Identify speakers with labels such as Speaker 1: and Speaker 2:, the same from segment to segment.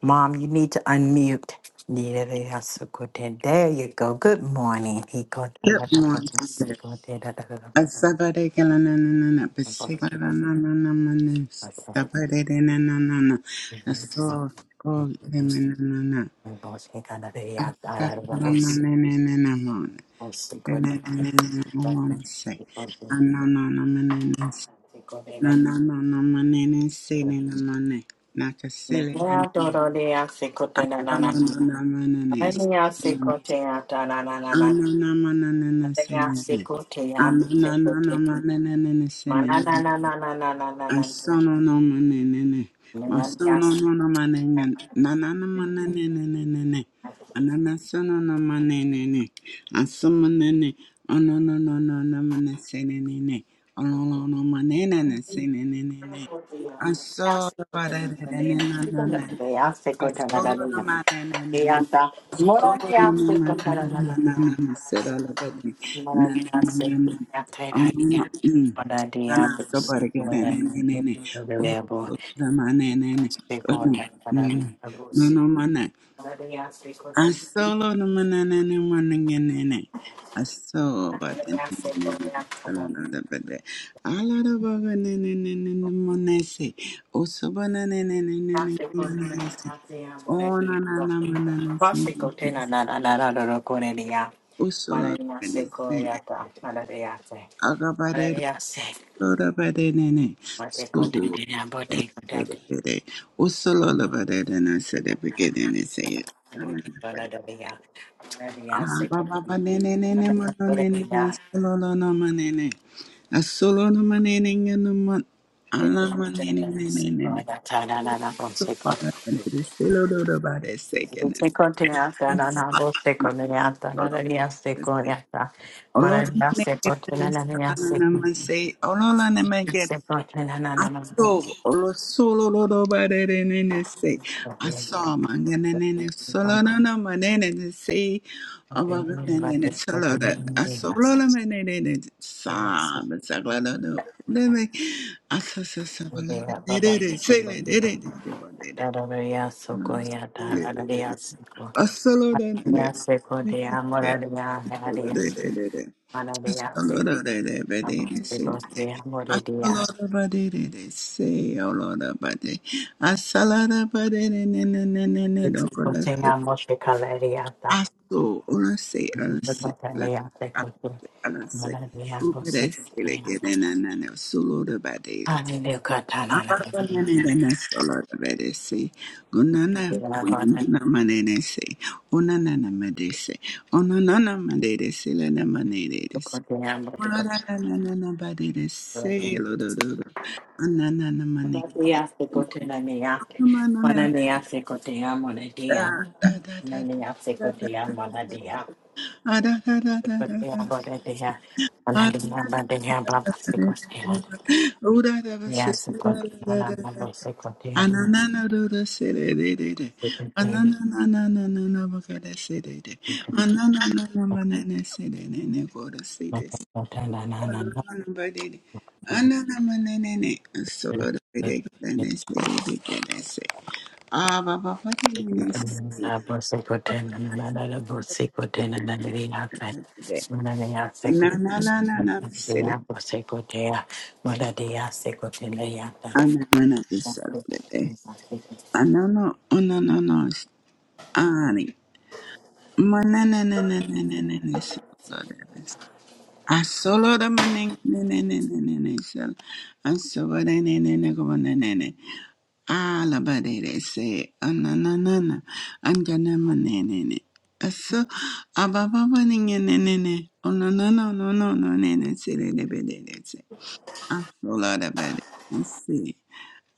Speaker 1: Mom, you need to unmute. There you go. Good morning.
Speaker 2: Good morning. Asabare kala na na na na pasigara na na na na na na sabare de na na na na aso ko de na na na na asabara na na na na na mo na na na na na mo na say na na na na na na na na na na na na na say na na na na na kasile na asama na na na na na na na na na na na say na na na na na na na
Speaker 1: Mananasikoteya, tananana, mananasikoteya, bisikoteya,
Speaker 2: na na say na
Speaker 1: mananananananananana,
Speaker 2: I saw no no money nene. My son no no no money na
Speaker 1: mananasikoteya,
Speaker 2: na no money nene nene nene. Anana son no no money nene. I saw money nene. Oh no no no no no money say nene nene. Oh no no no money nene say nene nene. I saw the body nene nene nene.
Speaker 1: mananasikoteya,
Speaker 2: I
Speaker 1: sikoteya,
Speaker 2: saw no money nene.
Speaker 1: yata,
Speaker 2: Oh, no, no,
Speaker 1: mananasikoteya,
Speaker 2: no, no, no,
Speaker 1: mananasikoteya, terariya, manadiya, bisikoteya, bisikoteya, sikoteya, mananasikoteya, manadiya, sikoteya. Thank you.
Speaker 2: no. Usulo nene nene agabare usulo bare nene suhu bare bare usulo bare nene sere begede nene sey Baba bade nene nene mano nene na solo lo no manene a solo no manene no man ala manene nene nene so para nene selo lo lo bare sey
Speaker 1: Yes,
Speaker 2: kene solo Olo nene nene sala namasey olo Solo, lo solo, lo do ba de de ne ne se. Asa ma ne ne ne ne solo no no ma ne ne ne se. Aba ba ne ne ne solo da. Aso lo lo ma ne ne ne sa ma sa la lo do. Ne ne. Asa sa sa ba la de de de de se le de de de de ba de de. Se le de de de. Aso lo da ne ne. Ne ne ne Solo de de de de. Lord, they they they they say they they. Asalada bade they they say olada bade. Asalada bade ne ne ne ne ne ne. Don't go let's say.
Speaker 1: Continuamos de caleriata.
Speaker 2: Aso ola say ola say ola
Speaker 1: Cataleate cotu.
Speaker 2: ola say.
Speaker 1: Malaria
Speaker 2: Uba they say they get ne
Speaker 1: posicionamos.
Speaker 2: ne ne ne. Solada bade.
Speaker 1: I catalana.
Speaker 2: Ababa ne ne ne ne. Solada bade say. Gunana
Speaker 1: La banda
Speaker 2: gunana mane ne say. Onana madese, onana madese, lena
Speaker 1: de
Speaker 2: madese.
Speaker 1: continuamos de
Speaker 2: Ola Na
Speaker 1: cotu.
Speaker 2: na na na na ba de de se lo do do do. na na na ma ne ki de.
Speaker 1: Malaria se continuamia.
Speaker 2: Ma na na
Speaker 1: Malaria se continuamos de dia.
Speaker 2: da da da da
Speaker 1: Malaria se
Speaker 2: da da
Speaker 1: continuamos de
Speaker 2: da.
Speaker 1: dia.
Speaker 2: Ah da da da da da da.
Speaker 1: Continuamos de dia.
Speaker 2: Ah da
Speaker 1: Malaria
Speaker 2: da
Speaker 1: bandia
Speaker 2: da da
Speaker 1: blanca se continuamos.
Speaker 2: da. Ola da ba se
Speaker 1: Yes, se
Speaker 2: da da da da.
Speaker 1: continuamos.
Speaker 2: Ananana do do se de de de de.
Speaker 1: Se continuamos.
Speaker 2: Ananana na na na na na ba ka de se de de. Ananana na ba ne ne se de ne ne go do se de.
Speaker 1: Monadea
Speaker 2: Anana
Speaker 1: secotea, monadea,
Speaker 2: Asolo the maning nene nene nene sir, aso ba na nene nene ko ba na nene, ala ba dere se na na na na, ang ganan man nene nene, aso abababa ningen nene nene, ono na na na na na nene sir, nebe dere se. de de be de de se I feel out of it. Let's see.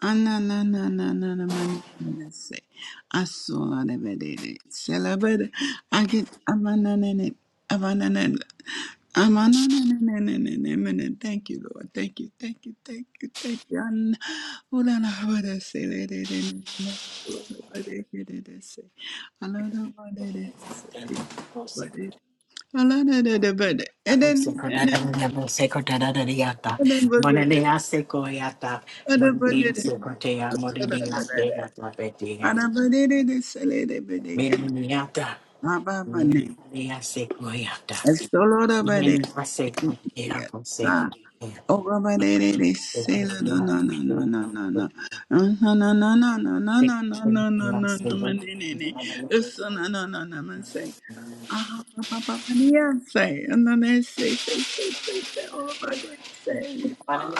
Speaker 2: Ananananananamananase. Asoladabadede. Selabada. I get amananene- amananene- amananenenenenenenene. Thank you, Lord. Thank you, thank you, thank you, thank you. An- Ulalahabadaselededene. Ulalabadekededese. Alalabadekededese. Bade- Aladadadabade. And then, and then,
Speaker 1: secotea,
Speaker 2: and then, we're good. Oh, Baba, they they
Speaker 1: monadea, Manana
Speaker 2: they Say, no no no no no no no no no no no no no no no no no no no no man, nee, nee, nee. It's so no no no no man say ah Baba Baba yeah say and then they say, say, say, say, say, oh, my day, say,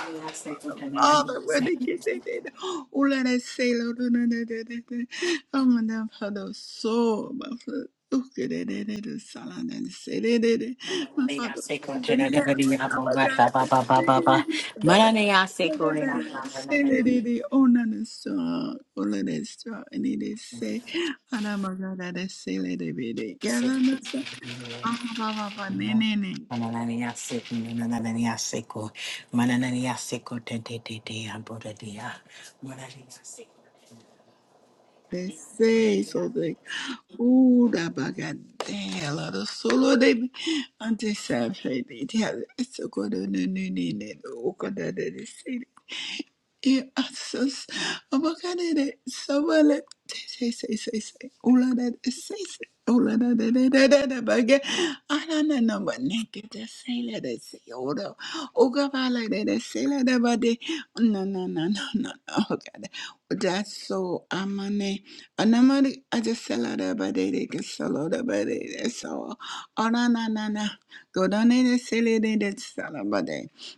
Speaker 2: Father, when they get they did. Oh, let us say, Lord, no, no, no, no, no. Oh, my God, for the soul, my Father. Oh, good, eh, eh, eh, eh, salam, and say, eh, eh, eh. My Father, who is in heaven, oh, my God, let us say, that. Oh, my God, let us say, eh, eh, eh, eh. oh, no, no, so, oh, let us so, and it is say, oh, no, my God, let us say, eh, eh, eh, eh, God, let us say, ah, ba, ba, ba, ne, ne, ne. They say so they ooh da bagadela do solo de mi ante sa fe de ti ha so ko do ne ne ne ne o ko da de E asas amakarere sabale say say say say ula da say say ula da da da da da da bage anana namba neke da say la da say ora oga bala da da say la da bade no no no no no no oga da that's so amane anamari aja say la da bade de de ke solo da bade de de so ora na na na go da ne de say le de de sala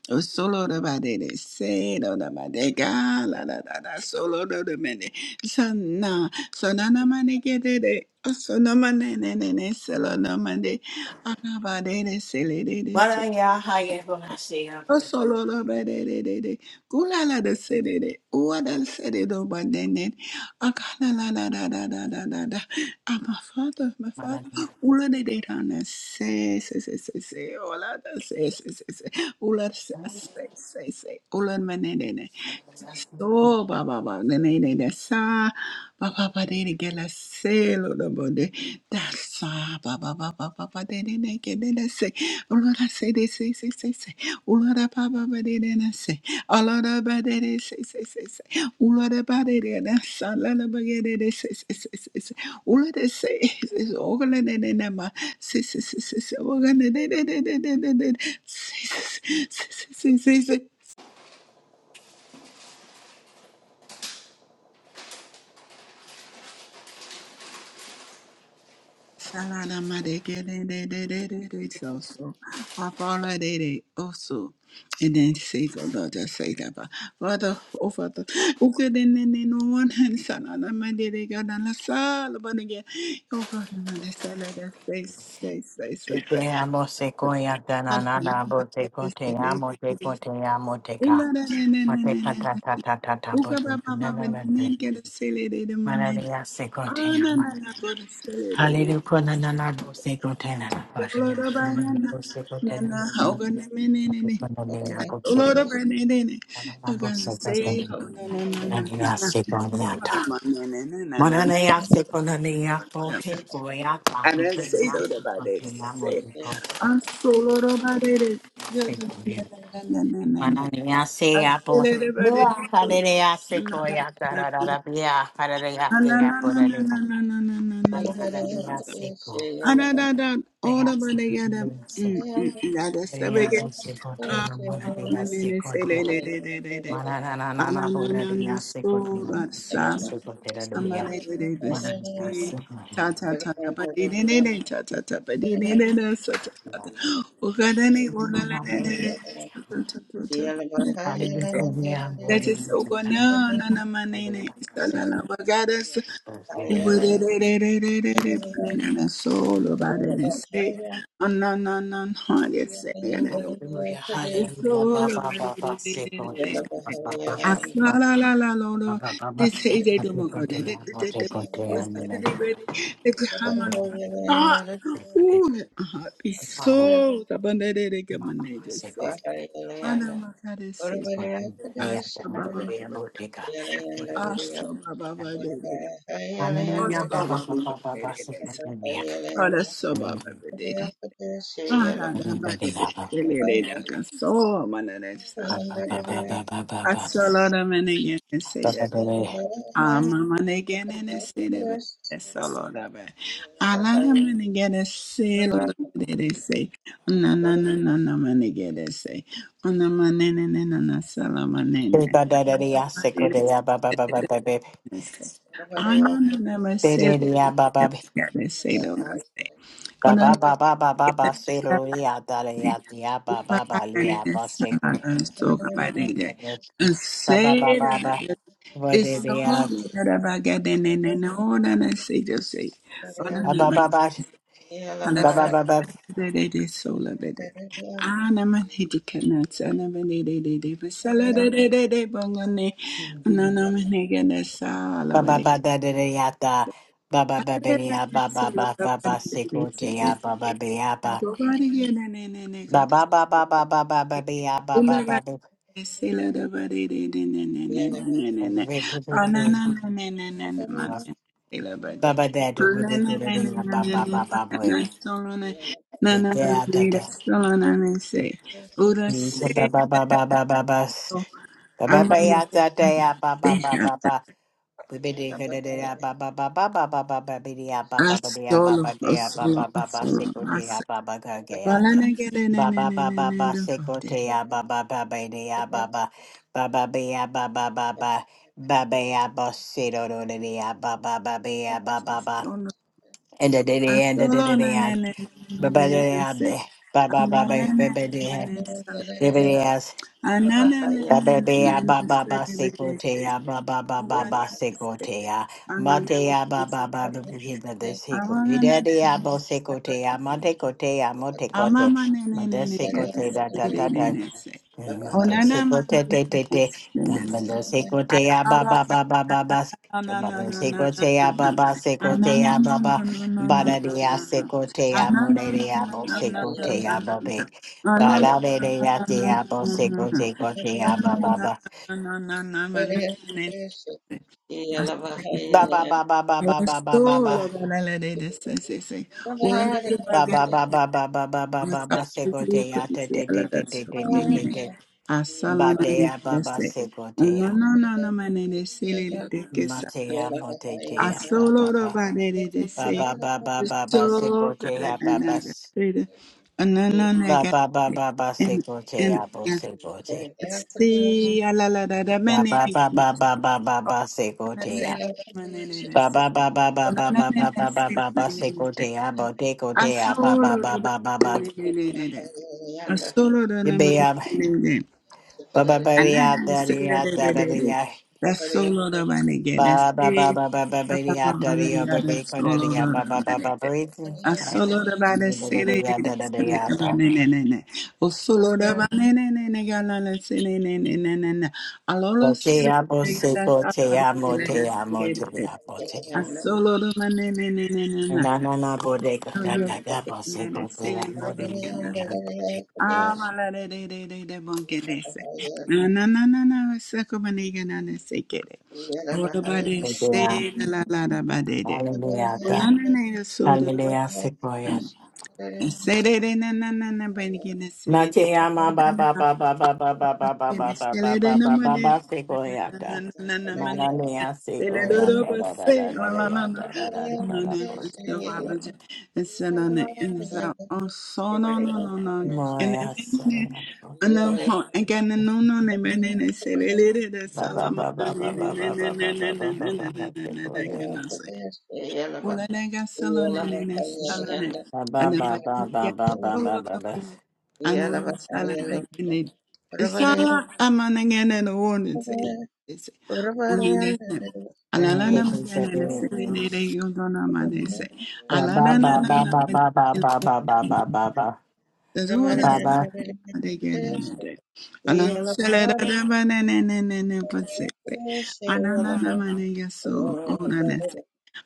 Speaker 2: Oh, solo da ba de de se do da ba de ga la da da da solo do da me de sana sana na ma ne ke de de oh so na ma ne ne ne ne solo na ma de ah ba de de se le de de se
Speaker 1: Manaya haya bonasia bonasia
Speaker 2: Osololo bededede. Gulala da sedede. Uada sededo badenet. Akala la la da da da da da da. Ah, my father, my father.
Speaker 1: manaya.
Speaker 2: Ula de de da na se se se se se. Ola da se se se se. Ula se se se se. Ula menedene. Oh, ba ba ba, ne ne ne ne sa, ba ba ba de de gela se lo lo bo de da sa, ba ba ba ba ba ba de de ne ke de de se, ulora se de se se se se, ulora ba ba ba de de ne se, ulora ba de de se se se se, ulora ba de de ne sa la la ba ge de de se se se se se, ulora se se se ogla ne ne ne ma se se se se se ogla ne de de de de de de de se se se se se se se Shalada madegele de de de de de so so. Afala de de also, and then say, oh Lord, just say that, but Father, oh Father, oh God, and then no one hand, Salada, my dear God, and la sala, but again, oh God, and my Salada, say, say, say, say,
Speaker 1: Te amo se coya
Speaker 2: and
Speaker 1: tanana bote
Speaker 2: say,
Speaker 1: cote
Speaker 2: say,
Speaker 1: amo te
Speaker 2: say,
Speaker 1: cote amo te ca.
Speaker 2: Ula de de de de and then,
Speaker 1: Mate
Speaker 2: and
Speaker 1: patata
Speaker 2: then, oh
Speaker 1: tata bote
Speaker 2: de de
Speaker 1: nanana.
Speaker 2: de de de de de de de de
Speaker 1: Manaya se
Speaker 2: Ah,
Speaker 1: cote
Speaker 2: no,
Speaker 1: amo.
Speaker 2: no, no, go to de
Speaker 1: Hallelujah nanana bote cote nana.
Speaker 2: Loro
Speaker 1: Nanana
Speaker 2: banana,
Speaker 1: bote cote nana. Nanana bote cote
Speaker 2: nana, How
Speaker 1: nana.
Speaker 2: can I ne ne ne.
Speaker 1: Nanana bote cote
Speaker 2: Loro banana ne ne. Hoga ne
Speaker 1: nana.
Speaker 2: say hoga na na na na
Speaker 1: Nanana
Speaker 2: na.
Speaker 1: bote cote nana.
Speaker 2: Ora ma ne ne ne na na
Speaker 1: Mananea sekonanea
Speaker 2: na.
Speaker 1: pohe poea tahu
Speaker 2: Ara say
Speaker 1: pena
Speaker 2: loro banana
Speaker 1: sekonanea
Speaker 2: say.
Speaker 1: modu pohe
Speaker 2: Aso loro banana. Na na
Speaker 1: sekonanea.
Speaker 2: na na na na na.
Speaker 1: Mananea sea
Speaker 2: Aso
Speaker 1: po.
Speaker 2: loro
Speaker 1: Nua
Speaker 2: banana.
Speaker 1: harerea
Speaker 2: Na
Speaker 1: sekoia tararara bia harerea
Speaker 2: na
Speaker 1: sea
Speaker 2: na na na na
Speaker 1: porarea.
Speaker 2: na na na na na
Speaker 1: Mananea
Speaker 2: na na.
Speaker 1: bia seko.
Speaker 2: Anadada,
Speaker 1: Nea
Speaker 2: odabanegada,
Speaker 1: sekonanea
Speaker 2: mm, mm,
Speaker 1: seko.
Speaker 2: mm,
Speaker 1: Nea
Speaker 2: adastabege,
Speaker 1: bu seko teo moranea seko dua.
Speaker 2: ahamaneleselelelelelele,
Speaker 1: Mananana porarea seko
Speaker 2: anananasorasa,
Speaker 1: tunanea seko tera dua.
Speaker 2: samalelelebese,
Speaker 1: Mananea seko.
Speaker 2: tatatatabadelelele, tatatatabadelelele, satatata, ukadane, ulalelelele, satatatabadelelele.
Speaker 1: Hallelujah,
Speaker 3: Yeah.
Speaker 2: That
Speaker 1: glory
Speaker 2: is
Speaker 1: be
Speaker 2: so
Speaker 1: to
Speaker 2: good.
Speaker 3: Yeah.
Speaker 1: God.
Speaker 2: No, no, no, my name is Salala. Asolo
Speaker 1: Hallelujah, hallelujah, ba ba ba ba, say glory, ba ba ba ba ba ba ba ba. Mate conte, mate conte, amen. Say conte, oh, mama, mama, say conte, say conte, mea, hallelujah, botica. Hallelujah, ba ba ba ba ba ba, say conte, mea.
Speaker 2: Kara soba babedede. Ara da badede. Belede da kaso manane sala. Asolo da menege ne
Speaker 1: Ba
Speaker 2: sede.
Speaker 1: ba ba ba ba ba
Speaker 2: Ama manege ne ne sede be. Esolo da be. Ala da menege ne selo da bedede se. Na na na na na manege de se. Ona manene ne na na sala manene.
Speaker 1: ba ba ba ba ba ba ba ba ba ba
Speaker 2: Manene
Speaker 1: ba
Speaker 2: sede de se. Ana na na masele. Gane selo da se. Ona na It's so I I I I'm I'm get, no, no, no, say say. just say, Oh no, no, but
Speaker 3: Yeah,
Speaker 2: I say that it is so lovely. And I'm an educator, and I'm an educator, but salad, bungone, no, no, I'm an educator,
Speaker 1: ba
Speaker 2: salad. Nobody get in and go to sleep. Sela da ba de de de ne ne ne ne ne ne ne. Ah, na na na ne ne ne ne ma
Speaker 1: ba ba
Speaker 2: ne. Sela ba de.
Speaker 1: Baba dad
Speaker 2: Ah, na
Speaker 1: really
Speaker 2: na
Speaker 1: good at
Speaker 2: na
Speaker 1: being
Speaker 2: na
Speaker 1: a
Speaker 2: na na
Speaker 1: baba
Speaker 2: no ma
Speaker 1: baba
Speaker 2: na
Speaker 1: boy.
Speaker 2: na solo ne. Na
Speaker 1: The
Speaker 2: na ba
Speaker 1: dad
Speaker 2: de de
Speaker 1: that
Speaker 2: da solo na ne se. Ura
Speaker 1: he's
Speaker 2: se
Speaker 1: a baba baba baba bus.
Speaker 2: o
Speaker 1: Baba
Speaker 2: ama ne.
Speaker 1: baya that day a
Speaker 2: Se
Speaker 1: baba baba
Speaker 2: hata.
Speaker 1: baba. We be the good at a baba baba baba baba be a
Speaker 2: Ah,
Speaker 1: baba be a
Speaker 2: solo,
Speaker 1: baba
Speaker 2: ah,
Speaker 1: be a
Speaker 2: solo,
Speaker 1: baba
Speaker 2: ah,
Speaker 1: baba
Speaker 2: solo,
Speaker 1: seko
Speaker 2: ah,
Speaker 1: a
Speaker 2: se.
Speaker 1: baba gage
Speaker 2: Bala ne ge de ne ne
Speaker 1: Baba
Speaker 2: ne
Speaker 1: baba
Speaker 2: ne ne
Speaker 1: baba
Speaker 2: da ba
Speaker 1: seko
Speaker 2: de.
Speaker 1: a baba baba be a baba baba be a baba baba. Baba ya boss, say do do do do ya,
Speaker 2: Se se. Ono.
Speaker 1: And da da
Speaker 2: Ah,
Speaker 1: and da da
Speaker 2: solo na ne ne ne ne ne ne se.
Speaker 1: Babadayade, Baba Baba Babadia,
Speaker 2: Ananana
Speaker 1: Bibadias, Bababia Baba Basecotea, Baba Baba
Speaker 3: Yeah.
Speaker 1: Basecotea, Matea Baba Baba Baba the Seco, Vidadia Bosecotea, Montecotea, Montecote,
Speaker 2: Amama nene nene yes, nene
Speaker 1: Modesecote,
Speaker 2: nene se. Onana
Speaker 1: Se
Speaker 2: mama
Speaker 1: kote
Speaker 2: nene
Speaker 1: te te
Speaker 2: yes,
Speaker 1: te,
Speaker 2: nene
Speaker 1: kam
Speaker 2: se.
Speaker 1: bender se kote ya
Speaker 2: Asala
Speaker 1: baba baba baba baba
Speaker 2: na
Speaker 1: se
Speaker 2: na na na
Speaker 1: bender se
Speaker 2: na na
Speaker 1: kote
Speaker 2: na
Speaker 1: ya
Speaker 2: na.
Speaker 1: baba se kote
Speaker 2: Anana
Speaker 1: ya
Speaker 2: na na
Speaker 1: baba
Speaker 2: na na na na
Speaker 1: bade ya
Speaker 2: na
Speaker 1: se
Speaker 2: na.
Speaker 1: kote ya mo
Speaker 2: Anana
Speaker 1: de
Speaker 2: na
Speaker 1: ya mo
Speaker 2: na
Speaker 1: se
Speaker 2: na na na
Speaker 1: kote
Speaker 2: na
Speaker 1: ya
Speaker 2: na.
Speaker 1: bade
Speaker 2: Anana na
Speaker 1: bade ya
Speaker 2: na na na
Speaker 1: se ya mo
Speaker 2: na
Speaker 1: se
Speaker 2: na na.
Speaker 1: kote ya baba
Speaker 2: Anana na na
Speaker 1: baba
Speaker 2: na na na na na nene se. Asala
Speaker 1: baba baba baba baba
Speaker 2: La
Speaker 1: baba
Speaker 2: sola banale de se se se. Ola de baga.
Speaker 1: baba baba baba baba se
Speaker 2: Asafiri
Speaker 1: kote ya te
Speaker 2: kwezi
Speaker 1: te te
Speaker 2: alada
Speaker 1: te te te
Speaker 2: soka
Speaker 1: te te ba
Speaker 2: mane.
Speaker 1: te
Speaker 2: Asala na
Speaker 1: bate ya baba
Speaker 2: negrese.
Speaker 1: se kote ya
Speaker 2: Unono no no mane de sele de kesa.
Speaker 1: mate ya mo te te ya baba
Speaker 2: Asolo ro
Speaker 1: baba.
Speaker 2: bane de de
Speaker 1: Ba
Speaker 2: se.
Speaker 1: ba ba ba ba ba
Speaker 2: So good
Speaker 1: sekote ha
Speaker 2: at
Speaker 1: ba ba
Speaker 2: another.
Speaker 1: s-
Speaker 2: Unono
Speaker 1: ba ba ba
Speaker 2: negrese.
Speaker 1: ba ba
Speaker 2: And
Speaker 1: sekote ha bo
Speaker 2: and
Speaker 1: sekote
Speaker 2: see alala da da
Speaker 1: ba
Speaker 2: mane
Speaker 1: ba
Speaker 2: de
Speaker 1: ba ba ba
Speaker 2: grese.
Speaker 1: ba ba ba
Speaker 2: Ona
Speaker 1: sekote
Speaker 2: se
Speaker 1: ha
Speaker 2: la da mane de de
Speaker 1: ba
Speaker 2: se.
Speaker 1: ba ba ba ba
Speaker 2: Ona
Speaker 1: ba
Speaker 2: na
Speaker 1: ba
Speaker 2: ne
Speaker 1: ba
Speaker 2: de
Speaker 1: ba ba
Speaker 2: se
Speaker 1: ba ba
Speaker 2: la
Speaker 1: sekote ha bo dekote ha ba ba
Speaker 2: Asolo
Speaker 1: ba
Speaker 2: de
Speaker 1: ba ba ba
Speaker 2: Bakalele. Asolo de ne
Speaker 1: be ya ba ba ba ya
Speaker 2: ne
Speaker 1: da ri ya da da ri
Speaker 2: celebrated.
Speaker 1: ya
Speaker 2: ne, solo de ne
Speaker 1: ba ba ba
Speaker 2: ne,
Speaker 1: ba ba ba ba ri ya da ri ya ba ba ba da ri
Speaker 2: solo
Speaker 1: ya ba
Speaker 2: de
Speaker 1: ba ba ba ba
Speaker 2: Banegede. A solo de Banegede.
Speaker 1: ba
Speaker 2: O solo de Banegede. Galala Selene. Alolo
Speaker 1: Bo te amo
Speaker 2: Selene.
Speaker 1: se bo te amo te amo te amo te
Speaker 2: A
Speaker 1: amo.
Speaker 2: solo de Banegede.
Speaker 1: Na na na bo de go da
Speaker 2: Yo,
Speaker 1: da da bo se
Speaker 2: en
Speaker 1: bo
Speaker 2: el
Speaker 1: te amo
Speaker 2: silencio
Speaker 1: de
Speaker 2: de
Speaker 1: na
Speaker 2: que
Speaker 1: na
Speaker 2: nace.
Speaker 1: bo de go
Speaker 2: Ah,
Speaker 1: de.
Speaker 2: mala de de de de de bon que de se. Na na na na na se como ni que na de se que de. Ora ba de
Speaker 1: Bo te
Speaker 2: se la
Speaker 1: amo.
Speaker 2: la la da ba de de.
Speaker 1: Hallelujah da.
Speaker 2: Ola na na ya so de.
Speaker 1: Hallelujah se bo ya.
Speaker 2: Se de de na na na na ba ni que na
Speaker 1: Na
Speaker 2: se
Speaker 1: te
Speaker 3: Thank you.
Speaker 1: ama ba ba
Speaker 2: Salamana
Speaker 1: ba ba ba ba ba ba ba ba ba ba ba ba ba ba se bo ya da. Ma na ne ya se bo ya da da da da da da ya da da da da da da bo te amo. Mo ya se na bo. Ba ba ba ba ba ba ba ba ba ba ba ba ba ba. take away that.
Speaker 2: Ulaleka salonene salane
Speaker 1: Ba ba ba ba
Speaker 2: anabatine
Speaker 1: ba ba ba ba ba ba.
Speaker 2: sololene anan salabene sala amanengene no wonense ese ulinese
Speaker 1: Down
Speaker 2: alalana
Speaker 1: to the
Speaker 2: mgenene
Speaker 1: second.
Speaker 2: selenere yondona manese
Speaker 1: Ba ba
Speaker 2: alalana
Speaker 1: ba ba
Speaker 2: nana
Speaker 1: ba ba ba ba ba ba ba ba. Ba
Speaker 2: Zoda
Speaker 1: ba. ba.
Speaker 2: adegene de anan selera
Speaker 3: Yeah.
Speaker 2: de banene ne ne ne
Speaker 3: Yeah.
Speaker 2: pasete anana namane yaso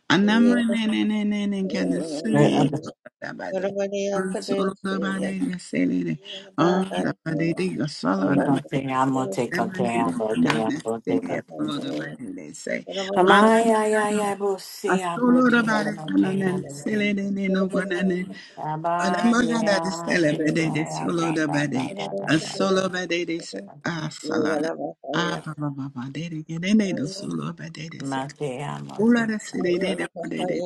Speaker 2: Anamne ne ne ne ne ne kena
Speaker 1: We uh,
Speaker 2: seli solo da ba de solo da ba de na seli ne an da ba de de solo
Speaker 1: we
Speaker 2: anamne
Speaker 1: gonna sing. I'm gonna take a turn. I'm
Speaker 2: anamne
Speaker 1: gonna take a
Speaker 2: anamne
Speaker 1: turn. Take
Speaker 2: na
Speaker 1: a turn.
Speaker 2: solo da ba de na say
Speaker 1: Am I?
Speaker 2: anamne
Speaker 1: I I I'm I'm I'm
Speaker 2: anamne
Speaker 1: I'm I'm I'm gonna
Speaker 2: solo da ba
Speaker 1: take.
Speaker 2: de
Speaker 1: I'm gonna
Speaker 2: anamne seli
Speaker 1: take.
Speaker 2: ne ne ngona ne
Speaker 1: Am We we
Speaker 2: anamona da
Speaker 1: gonna
Speaker 2: seli ba
Speaker 1: take Take Take
Speaker 2: de de solo ba de solo ba de de ah salan ah ba ba ba ba de ne ne ne ne solo ba de de sek
Speaker 1: a a a
Speaker 2: ula na
Speaker 1: Baba,
Speaker 2: seli ne ne ba de de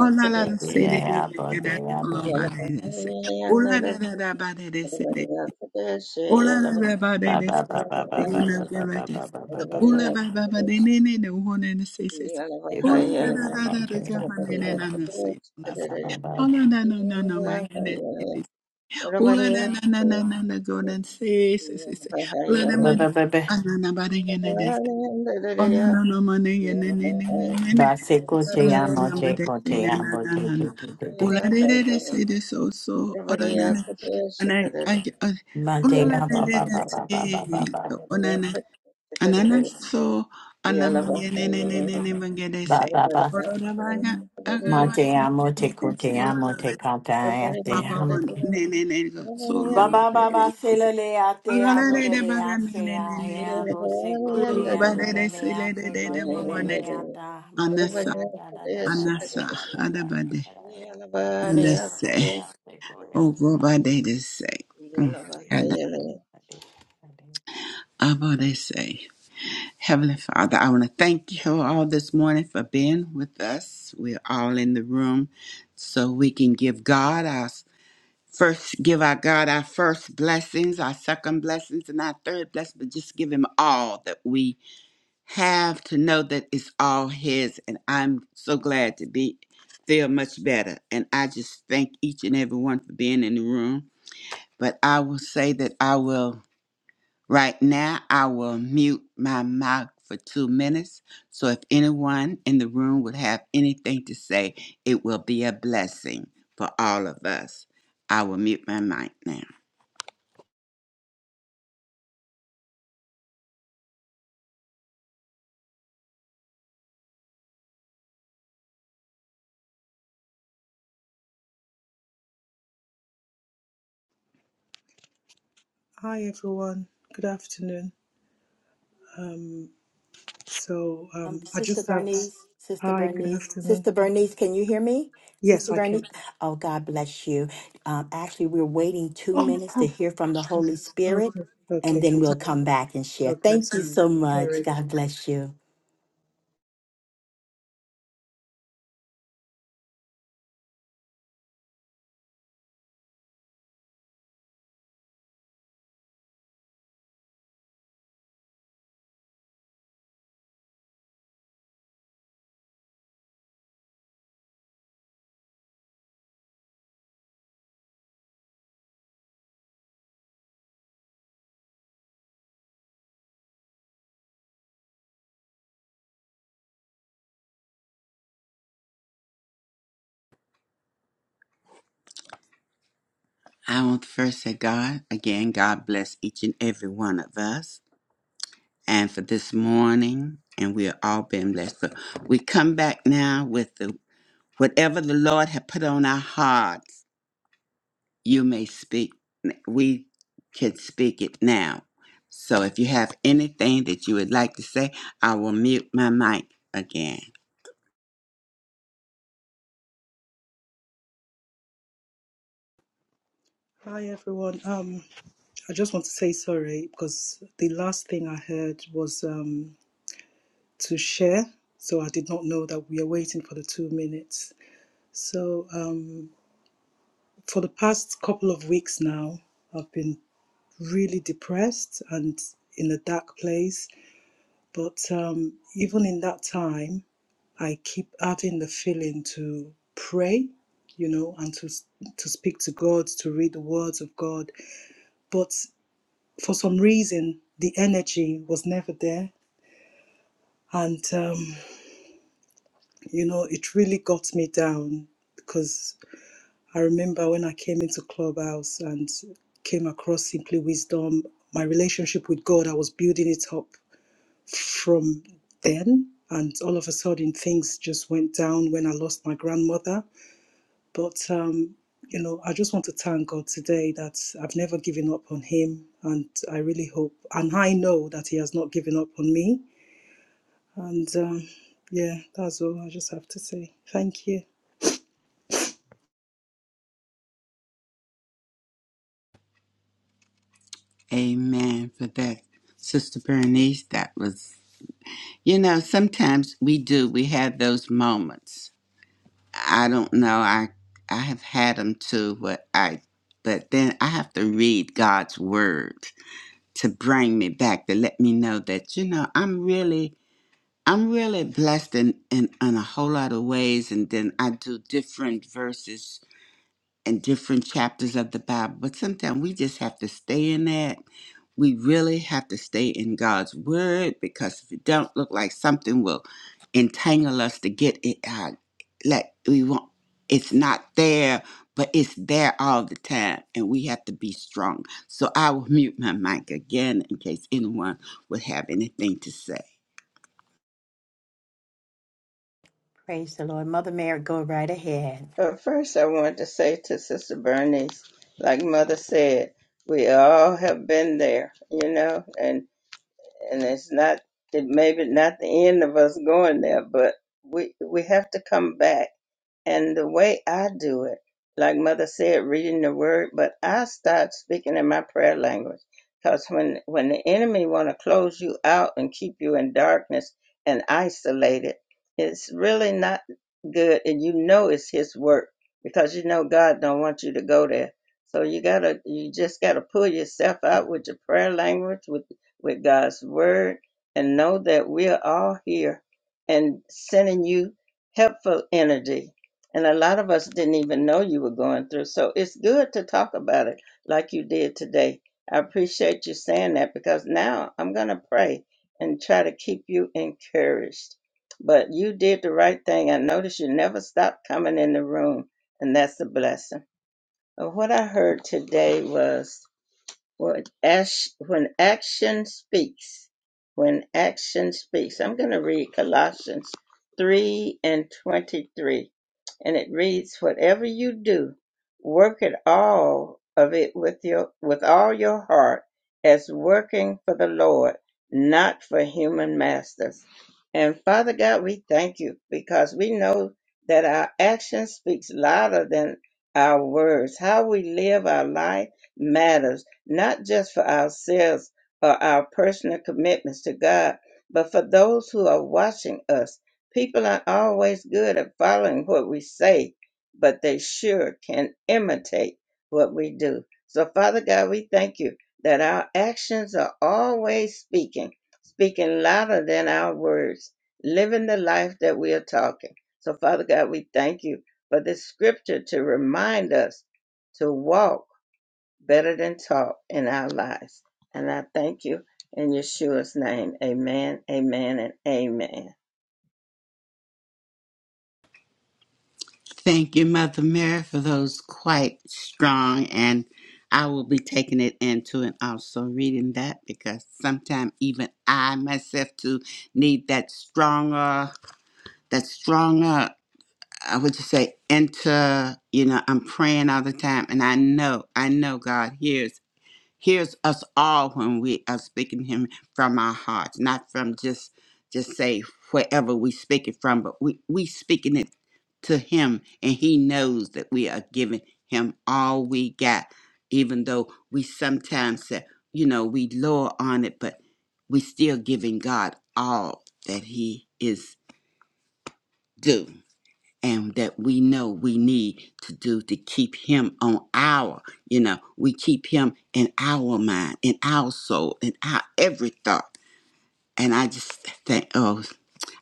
Speaker 2: Oh la la la say they do
Speaker 1: Yeah,
Speaker 2: they do
Speaker 1: but they
Speaker 2: that
Speaker 1: are
Speaker 2: all
Speaker 1: but
Speaker 2: over they they say. Oh la la la la body they they say
Speaker 3: Everybody
Speaker 2: they do.
Speaker 3: else for this,
Speaker 2: Oh la la
Speaker 3: yellow,
Speaker 2: la body
Speaker 1: ba
Speaker 2: they they
Speaker 1: ba
Speaker 2: say
Speaker 1: ba
Speaker 2: say
Speaker 1: ba
Speaker 2: say
Speaker 1: ba
Speaker 3: yellow,
Speaker 2: you
Speaker 1: ba ba
Speaker 2: love
Speaker 3: hey.
Speaker 1: ba
Speaker 2: them like they
Speaker 1: ba ba ba
Speaker 2: say.
Speaker 1: ba ba
Speaker 2: Oh
Speaker 3: Everybody
Speaker 1: ba.
Speaker 2: la
Speaker 3: else
Speaker 2: ba ba
Speaker 3: for
Speaker 2: ba they
Speaker 3: this,
Speaker 2: they they they want to say say say.
Speaker 3: yellow,
Speaker 1: You
Speaker 2: Oh
Speaker 1: go to
Speaker 3: hey,
Speaker 2: la
Speaker 1: the
Speaker 2: la la
Speaker 3: yellow.
Speaker 1: hammer,
Speaker 2: la la
Speaker 1: to
Speaker 2: they
Speaker 1: the
Speaker 2: jump
Speaker 1: hammer,
Speaker 2: and
Speaker 1: ba
Speaker 2: they
Speaker 3: Everybody
Speaker 1: ba
Speaker 2: they
Speaker 3: else
Speaker 1: ba
Speaker 3: for
Speaker 2: not
Speaker 1: ba
Speaker 2: say
Speaker 3: this,
Speaker 2: not
Speaker 1: ba ba ba ba
Speaker 3: yellow,
Speaker 2: say.
Speaker 3: hey, yellow. Everybody else, yellow, hey,
Speaker 2: Oh la la no no no my goodness. they
Speaker 3: yellow. Yellow, yellow, hey.
Speaker 2: say,
Speaker 3: Everybody
Speaker 2: Ula la
Speaker 3: else,
Speaker 2: la la la la na go and say say
Speaker 3: yellow,
Speaker 2: say say.
Speaker 3: hey,
Speaker 2: Ula na ma
Speaker 1: ba
Speaker 3: yellow.
Speaker 1: ba ba.
Speaker 2: na na na ba na na
Speaker 3: Everybody
Speaker 2: na.
Speaker 3: else for
Speaker 2: Oh
Speaker 3: this,
Speaker 2: no no
Speaker 3: yellow,
Speaker 2: no money yeah ne
Speaker 3: yellow, hey. Everybody
Speaker 2: ne
Speaker 3: else
Speaker 2: ne
Speaker 3: for
Speaker 2: ne ne ne
Speaker 1: Ba se go
Speaker 2: so
Speaker 1: to the
Speaker 2: no
Speaker 3: this,
Speaker 1: hammer,
Speaker 2: no no
Speaker 1: to
Speaker 2: money
Speaker 1: go to
Speaker 2: say
Speaker 1: the
Speaker 2: na
Speaker 1: hammer,
Speaker 2: na na
Speaker 1: to
Speaker 2: na na
Speaker 1: to to to
Speaker 3: yellow, hey,
Speaker 1: to.
Speaker 2: ola de de de
Speaker 3: yellow.
Speaker 2: say this so so ola
Speaker 3: Everybody
Speaker 2: na
Speaker 3: else
Speaker 2: na
Speaker 3: for
Speaker 2: and I I I-
Speaker 1: Ma te
Speaker 2: ola
Speaker 1: ya
Speaker 2: de
Speaker 1: ba
Speaker 2: de
Speaker 1: ba
Speaker 2: de
Speaker 1: ba ba ba ba
Speaker 2: say
Speaker 1: ba
Speaker 2: so
Speaker 1: ba
Speaker 2: ola na anana so anam ye ne ne ne ne ne bange de se.
Speaker 1: ba ba ba.
Speaker 2: ola de baga aga
Speaker 1: Ma
Speaker 2: wa
Speaker 1: te
Speaker 2: ne
Speaker 1: ya mo te
Speaker 2: ne ne
Speaker 1: ko
Speaker 2: so
Speaker 1: te
Speaker 2: ola
Speaker 1: ya
Speaker 3: this,
Speaker 1: mo
Speaker 2: de
Speaker 1: te ka ta
Speaker 3: But
Speaker 1: ya
Speaker 3: first,
Speaker 1: te
Speaker 2: apa pon
Speaker 1: ham.
Speaker 2: ne ne ne so
Speaker 1: Ba
Speaker 2: ola
Speaker 1: ba ba
Speaker 2: de
Speaker 1: ba
Speaker 2: de
Speaker 1: se
Speaker 2: say
Speaker 1: lo le a te
Speaker 2: ola
Speaker 1: amo
Speaker 2: de
Speaker 1: de
Speaker 2: de
Speaker 1: le
Speaker 2: baga
Speaker 1: a
Speaker 2: ne
Speaker 1: se
Speaker 2: ne
Speaker 1: a
Speaker 2: ne ne
Speaker 1: he
Speaker 2: ne
Speaker 1: a bo se ko te amo de le a se ko te ne ne
Speaker 2: Anasa,
Speaker 1: a ta mo de le
Speaker 2: Anasa,
Speaker 1: a da da da da da da da da da
Speaker 2: Adabade,
Speaker 1: da da le a se a le
Speaker 2: Adase,
Speaker 1: a se ko ya
Speaker 2: O
Speaker 1: ta.
Speaker 2: Robade, they say, Mm, Ada, Abba, they say. Heavenly Father, I want to thank you all this morning for being with us. We're all in the room so we can give God our first, give our God our first blessings, our second blessings, and our third blessing, but just give Him all that we have to know that it's all His, and I'm so glad to be feel much better. And I just thank each and every one for being in the room. But I will say that I will right now. I will mute my mic for two minutes. So if anyone in the room would have anything to say, it will be a blessing for all of us. I will mute my mic now.
Speaker 4: Hi everyone. Good afternoon. Um, so
Speaker 1: Um,
Speaker 4: um, I
Speaker 1: Sister
Speaker 4: just have.
Speaker 1: Bernice, Sister
Speaker 4: Hi. Good
Speaker 1: Bernice,
Speaker 4: afternoon.
Speaker 1: Sister Bernice, can you hear me?
Speaker 4: Yes,
Speaker 1: Sister
Speaker 4: I can.
Speaker 1: Bernice, oh God bless you. Um, actually, we're waiting two
Speaker 4: Oh.
Speaker 1: minutes to
Speaker 4: oh,
Speaker 1: hear from the Holy Spirit,
Speaker 4: Okay.
Speaker 1: and
Speaker 4: Okay.
Speaker 1: then we'll come back and share.
Speaker 4: Okay.
Speaker 1: Thank you
Speaker 4: Sorry.
Speaker 1: so much.
Speaker 4: Sorry.
Speaker 1: God bless you.
Speaker 2: I want to first say, God, again, God bless each and every one of us. and for this morning, and we are all being blessed. So we come back now with the whatever the Lord had put on our hearts. You may speak. We can speak it now. So if you have anything that you would like to say, I will mute my mic again.
Speaker 4: Hi everyone. Um, I just want to say sorry because the last thing I heard was um to share. So I did not know that we are waiting for the two minutes. So um, for the past couple of weeks now, I've been really depressed and in a dark place But um, even in that time, I keep having the feeling to pray, you know, and to to speak to God, to read the words of God. But for some reason, the energy was never there, and um, you know, it really got me down because I remember when I came into Clubhouse and came across Simply Wisdom, my relationship with God, I was building it up from then and all of a sudden things just went down when i lost my grandmother but um you know i just want to thank god today that i've never given up on him and i really hope and i know that he has not given up on me and um yeah that's all i just have to say thank you
Speaker 2: Amen for that, Sister Bernice. That was, you know, sometimes we do. We have those moments I don't know. I I have had them too, but I but then I have to read God's word to bring me back to let me know that you know I'm really I'm really blessed in in, in a whole lot of ways, and then I do different verses and different chapters of the Bible, but sometimes we just have to stay in that. We really have to stay in God's word because if it don't look like something will entangle us to get it out, like we want, it's not there, but it's there all the time, and we have to be strong. So I will mute my mic again in case anyone would have anything to say.
Speaker 1: Praise the Lord. Mother Mary, go right ahead.
Speaker 3: I want to say to Sister Bernice, like Mother said, we all have been there, you know, and and it's not it maybe not the end of us going there, but we we have to come back And the way I do it, like Mother said, reading the word, but I start speaking in my prayer language. Because when, when the enemy want to close you out and keep you in darkness and isolated, it's really not good. And you know it's his work because you know God don't want you to go there. So you gotta, you just gotta pull yourself out with your prayer language, with, with God's word, and know that we're all here and sending you helpful energy and a lot of us didn't even know you were going through. So it's good to talk about it like you did today. I appreciate you saying that because now I'm going to pray and try to keep you encouraged. But you did the right thing. I noticed you never stopped coming in the room, and that's a blessing. And what I heard today was when action, when action speaks, when action speaks. I'm going to read Colossians 3 and 23. And it reads, whatever you do, work at all of it with your, with all your heart as working for the Lord, not for human masters. And Father God, we thank you because we know that our action speaks louder than our words. How we live our life matters not just for ourselves or our personal commitments to God, but for those who are watching us. People aren't always good at following what we say, but they sure can imitate what we do. So, Father God, we thank you that our actions are always speaking, speaking louder than our words, living the life that we are talking. So, Father God, we thank you for this scripture to remind us to walk better than talk in our lives. And I thank you in Yeshua's name. Amen, amen, and amen.
Speaker 2: Thank you, Mother Mary, for those quite strong. And I will be taking it into and also reading that because sometimes even I myself too need that stronger, that stronger, I would just say, enter. You know, I'm praying all the time and I know, I know God hears hears us all when we are speaking him from our hearts, not from just just say wherever we speak it from, but we we speaking it to him and he knows that we are giving him all we got, even though we sometimes say, you know, we lower on it, but we still giving God all that he is due and that we know we need to do to keep him on our, you know, we keep him in our mind, in our soul, in our every thought. And I just think, oh,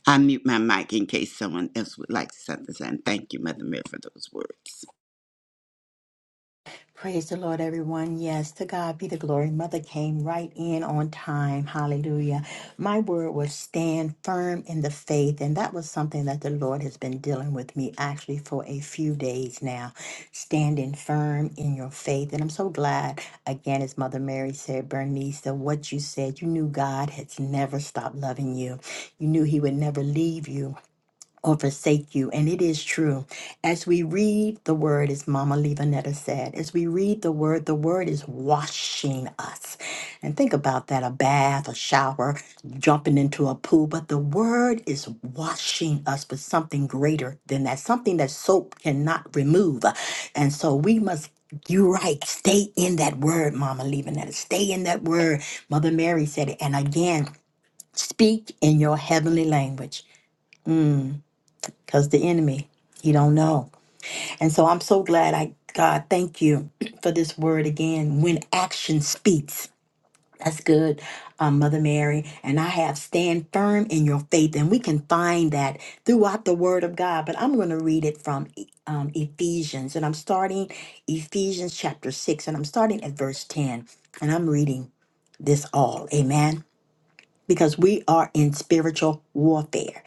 Speaker 2: I mute my mic in case someone else would like to say something. And thank you, Mother Mary, for those words.
Speaker 1: Praise the Lord, everyone. Yes, to God be the glory. Mother came right in on time. Hallelujah. My word was stand firm in the faith. And that was something that the Lord has been dealing with me actually for a few days now. Standing firm in your faith. And I'm so glad, again, as Mother Mary said, Bernice, that what you said, you knew God has never stopped loving you. You knew He would never leave you or forsake you. And it is true. As we read the word, as Mama Levanetta said, as we read the word, the word is washing us. And think about that a bath, a shower, jumping into a pool. But the word is washing us with something greater than that, something that soap cannot remove. And so we must. You're right. Stay in that word, Mama Levanetta. Stay in that word. Mother Mary said it. And again, speak in your heavenly language. Mm because the enemy he don't know and so i'm so glad i god thank you for this word again when action speaks that's good um, mother mary and i have stand firm in your faith and we can find that throughout the word of god but i'm going to read it from E, um, ephesians and i'm starting ephesians chapter 6 and i'm starting at verse 10 and i'm reading this all amen because we are in spiritual warfare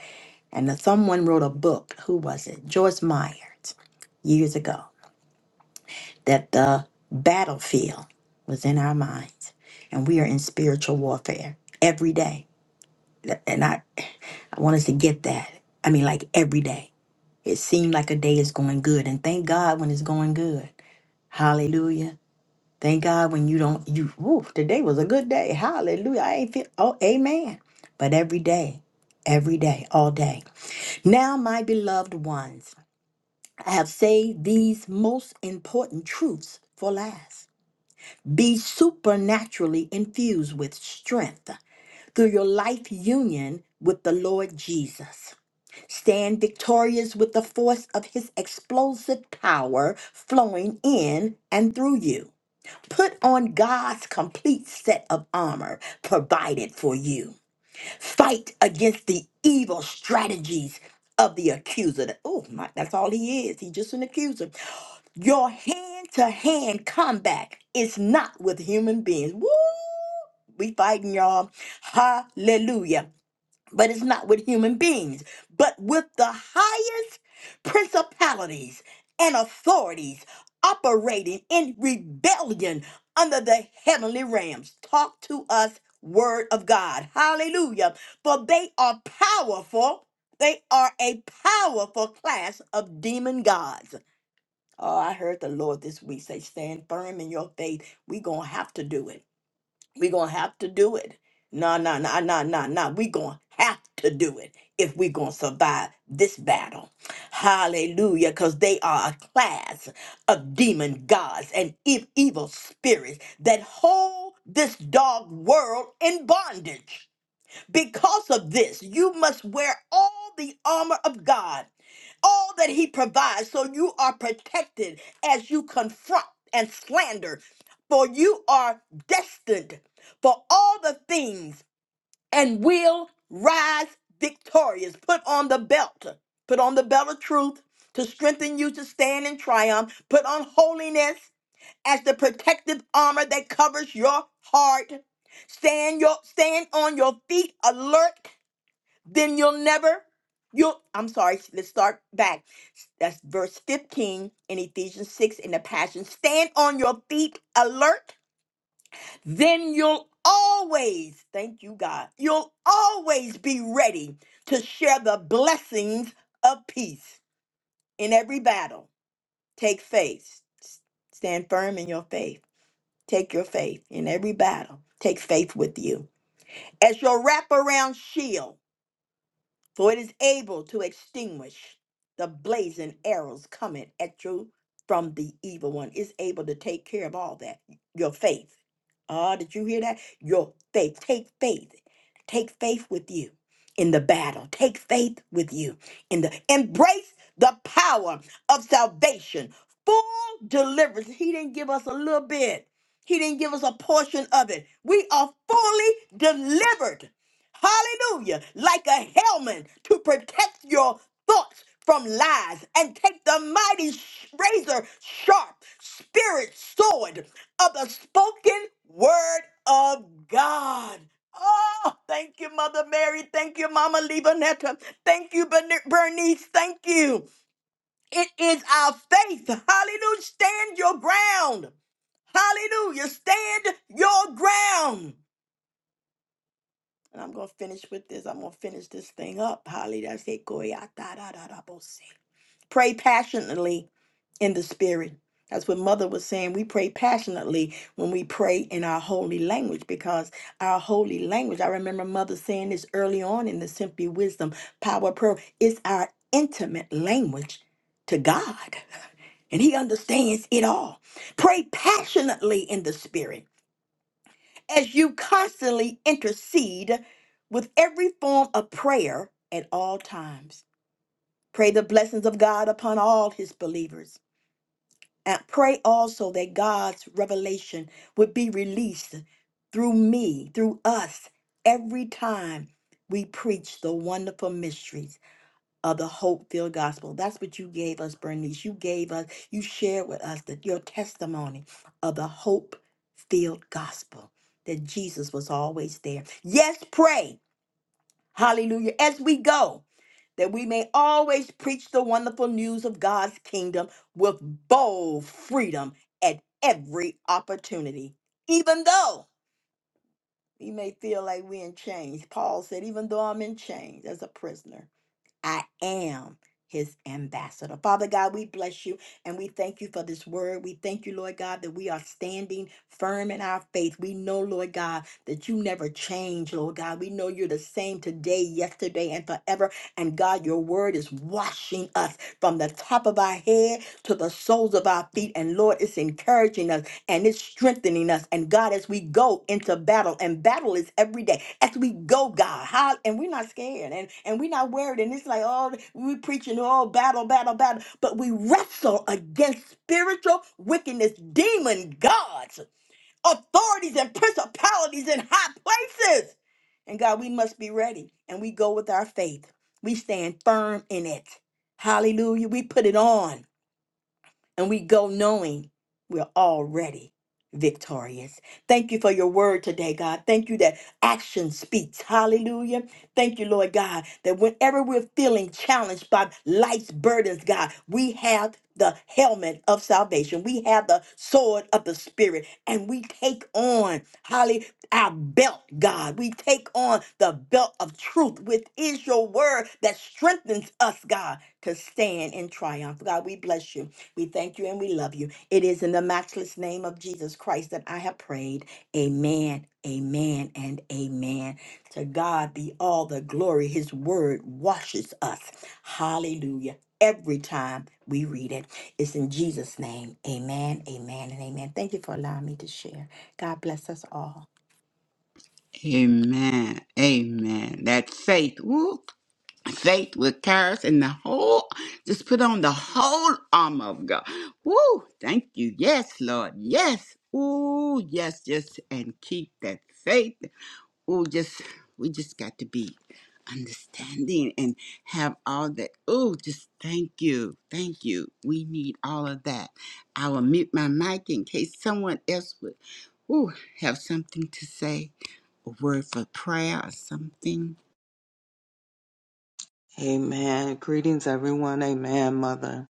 Speaker 1: and someone wrote a book, who was it? Joyce Meyer, years ago, that the battlefield was in our minds. And we are in spiritual warfare every day. And I, I want us to get that. I mean, like every day. It seemed like a day is going good. And thank God when it's going good. Hallelujah. Thank God when you don't, you, woo, today was a good day. Hallelujah. I ain't feel, oh, amen. But every day, every day, all day. Now, my beloved ones. I have saved these most important truths for last. Be supernaturally infused with strength through your life union with the Lord Jesus. Stand victorious with the force of his explosive power flowing in and through you. Put on God's complete set of armor provided for you. Fight against the evil strategies of the accuser. Oh, my, that's all he is. He's just an accuser your hand to hand combat is not with human beings. Woo! We fighting y'all. Hallelujah. But it's not with human beings, but with the highest principalities and authorities operating in rebellion under the heavenly realms. Talk to us, Word of God. Hallelujah. For they are powerful. They are a powerful class of demon gods. Oh, I heard the Lord this week say, stand firm in your faith. we going to have to do it. we going to have to do it. No, no, no, no, no, no. we going to have to do it if we going to survive this battle. Hallelujah. Because they are a class of demon gods and e- evil spirits that hold this dog world in bondage. Because of this, you must wear all the armor of God, all that He provides, so you are protected as you confront and slander. For you are destined for all the things and will rise victorious. Put on the belt, put on the belt of truth to strengthen you to stand in triumph. Put on holiness as the protective armor that covers your heart. Stand your stand on your feet alert, then you'll never you'll I'm sorry, let's start back. That's verse 15 in Ephesians 6 in the Passion. Stand on your feet alert, then you'll always, thank you God. You'll always be ready to share the blessings of peace in every battle. Take faith. Stand firm in your faith Take your faith in every battle. Take faith with you as your wraparound shield for it is able to extinguish the blazing arrows coming at you from the evil one. It's able to take care of all that. Your faith. Ah, did you hear that? Your faith. Take faith. Take faith with you in the battle. Take faith with you in the embrace the power of salvation. Full deliverance. He didn't give us a little bit. He didn't give us a portion of it. We are fully delivered hallelujah, like a helmet to protect your thoughts from lies and take the mighty sh- razor sharp spirit sword of the spoken word of God. Oh, thank you, Mother Mary. Thank you, Mama Levanetta. Thank you, Bern- Bernice. Thank you. It is our faith. Hallelujah. Stand your ground. Hallelujah. Stand your ground. And I'm going to finish with this. I'm going to finish this thing up. Hallelujah. I say, "Koyatadadadabose." Pray passionately in the spirit. That's what Mother was saying. We pray passionately when we pray in our holy language because our holy language, I remember Mother saying this early on in the Simply Wisdom Power Prayer, it's our intimate language to God, and He understands it all. Pray passionately in the spirit as you constantly intercede with every form of prayer at all times. Pray the blessings of God upon all his believers. And pray also that God's revelation would be released through me, through us, every time we preach the wonderful mysteries of the hope-filled gospel. That's what you gave us, Bernice. You gave us, you shared with us that your testimony of the hope-filled gospel, that Jesus was always there. Yes, pray, hallelujah, as we go, that we may always preach the wonderful news of God's kingdom with bold freedom at every opportunity, even though we may feel like we're in chains. Paul said, even though I'm in chains as a prisoner. I am his ambassador. Father God, we bless you and we thank you for this word. We thank you, Lord God, that we are standing firm in our faith. We know, Lord God, that you never change, Lord God. We know you're the same today, yesterday, and forever. And God, your word is washing us from the top of our head to the soles of our feet. And Lord, it's encouraging us and it's strengthening us. And God, as we go into battle, and battle is every day. As we go, God, how and we're not scared and, and we're not worried. And it's like, oh, we preaching, oh, battle, battle, battle. But we wrestle against spiritual wickedness, demon gods, authorities, and principalities in high places. And God, we must be ready. And we go with our faith. We stand firm in it. Hallelujah. We put it on and we go knowing we're already victorious. Thank you for your word today, God. Thank you that action speaks. Hallelujah. Thank you, Lord God, that whenever we're feeling challenged by life's burdens, God, we have the helmet of salvation. We have the sword of the spirit and we take on, holly, our belt, God. We take on the belt of truth, which is your word that strengthens us, God, to stand in triumph. God, we bless you. We thank you and we love you. It is in the matchless name of Jesus Christ that I have prayed. Amen, amen, and amen. To God be all the glory. His word washes us. Hallelujah. Every time we read it, it's in Jesus' name. Amen, amen, and amen. Thank you for allowing me to share. God bless us all.
Speaker 2: Amen. Amen. That faith. Woo. faith with courage and the whole just put on the whole armor of God. Woo! Thank you. Yes, Lord. Yes. Ooh, yes, yes. And keep that faith. Ooh, just we just got to be understanding and have all that. Ooh, just thank you. Thank you. We need all of that. I will mute my mic in case someone else would ooh, have something to say, a word for prayer or something.
Speaker 5: Amen. Greetings, everyone. Amen, Mother.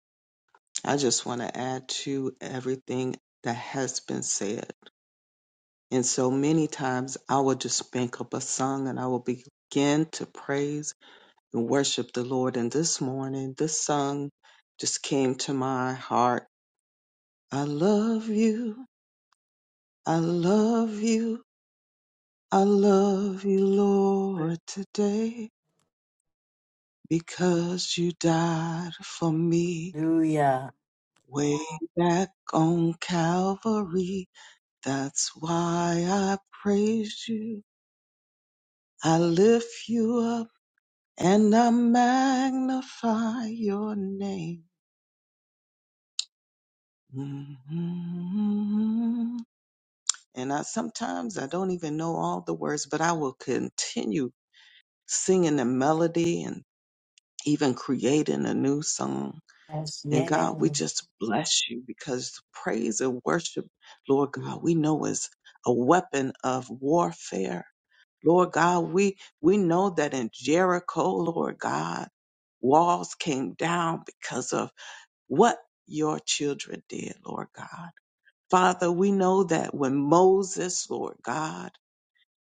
Speaker 5: I just want to add to everything that has been said. And so many times I will just bank up a song and I will begin to praise and worship the Lord. And this morning, this song just came to my heart. I love you. I love you. I love you, Lord, today because you died for me.
Speaker 1: Hallelujah.
Speaker 5: Way back on Calvary, that's why I praise you. I lift you up and I magnify your name. Mhm. And I sometimes I don't even know all the words, but I will continue singing the melody and even creating a new song.
Speaker 1: Yes,
Speaker 5: And God, we
Speaker 1: yes.
Speaker 5: just bless you because the praise and worship, Lord God, we know is a weapon of warfare. Lord God, we, we know that in Jericho, Lord God, walls came down because of what your children did, Lord God. Father, we know that when Moses, Lord God,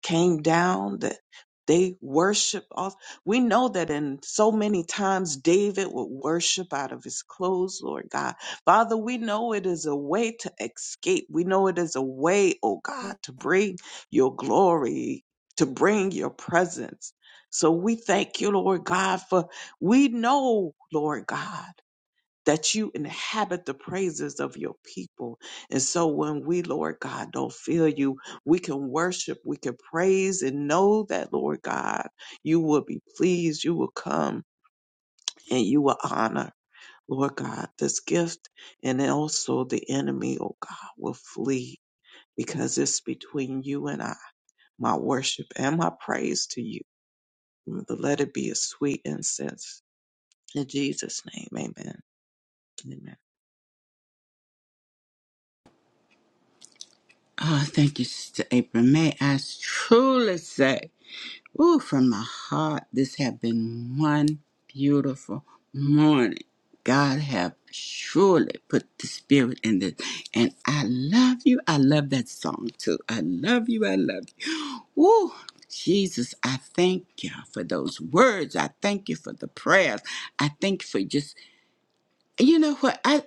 Speaker 5: came down that they worship off we know that in so many times david would worship out of his clothes lord god father we know it is a way to escape we know it is a way oh god to bring your glory to bring your presence so we thank you lord god for we know lord god that you inhabit the praises of your people. And so when we, Lord God, don't feel you, we can worship, we can praise and know that, Lord God, you will be pleased, you will come and you will honor, Lord God, this gift. And also the enemy, oh God, will flee because it's between you and I, my worship and my praise to you. Let it be a sweet incense. In Jesus' name, amen. Amen.
Speaker 2: Ah, thank you, Sister April. May I truly say, ooh, from my heart, this have been one beautiful morning. God have surely put the spirit in this. And I love you. I love that song too. I love you. I love you. Ooh, Jesus, I thank you for those words. I thank you for the prayers. I thank you for just, you know what?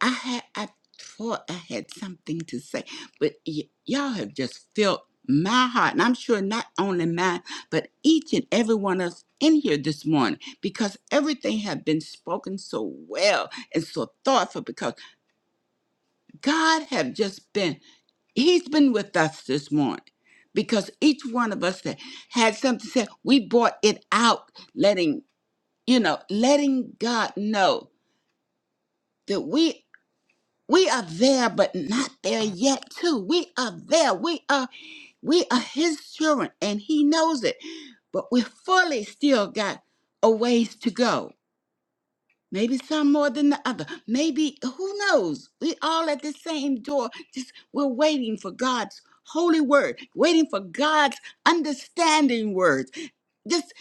Speaker 2: I had I thought I had something to say, but y- y'all have just filled my heart, and I'm sure not only mine, but each and every one of us in here this morning, because everything had been spoken so well and so thoughtful. Because God have just been, He's been with us this morning. Because each one of us that had something to say, we brought it out, letting you know, letting God know that we We are there, but not there yet, too. We are there. We are we are his children, and he knows it. But we fully still got a ways to go. Maybe some more than the other. Maybe who knows? We all at the same door. Just we're waiting for God's holy word, waiting for God's understanding words. Just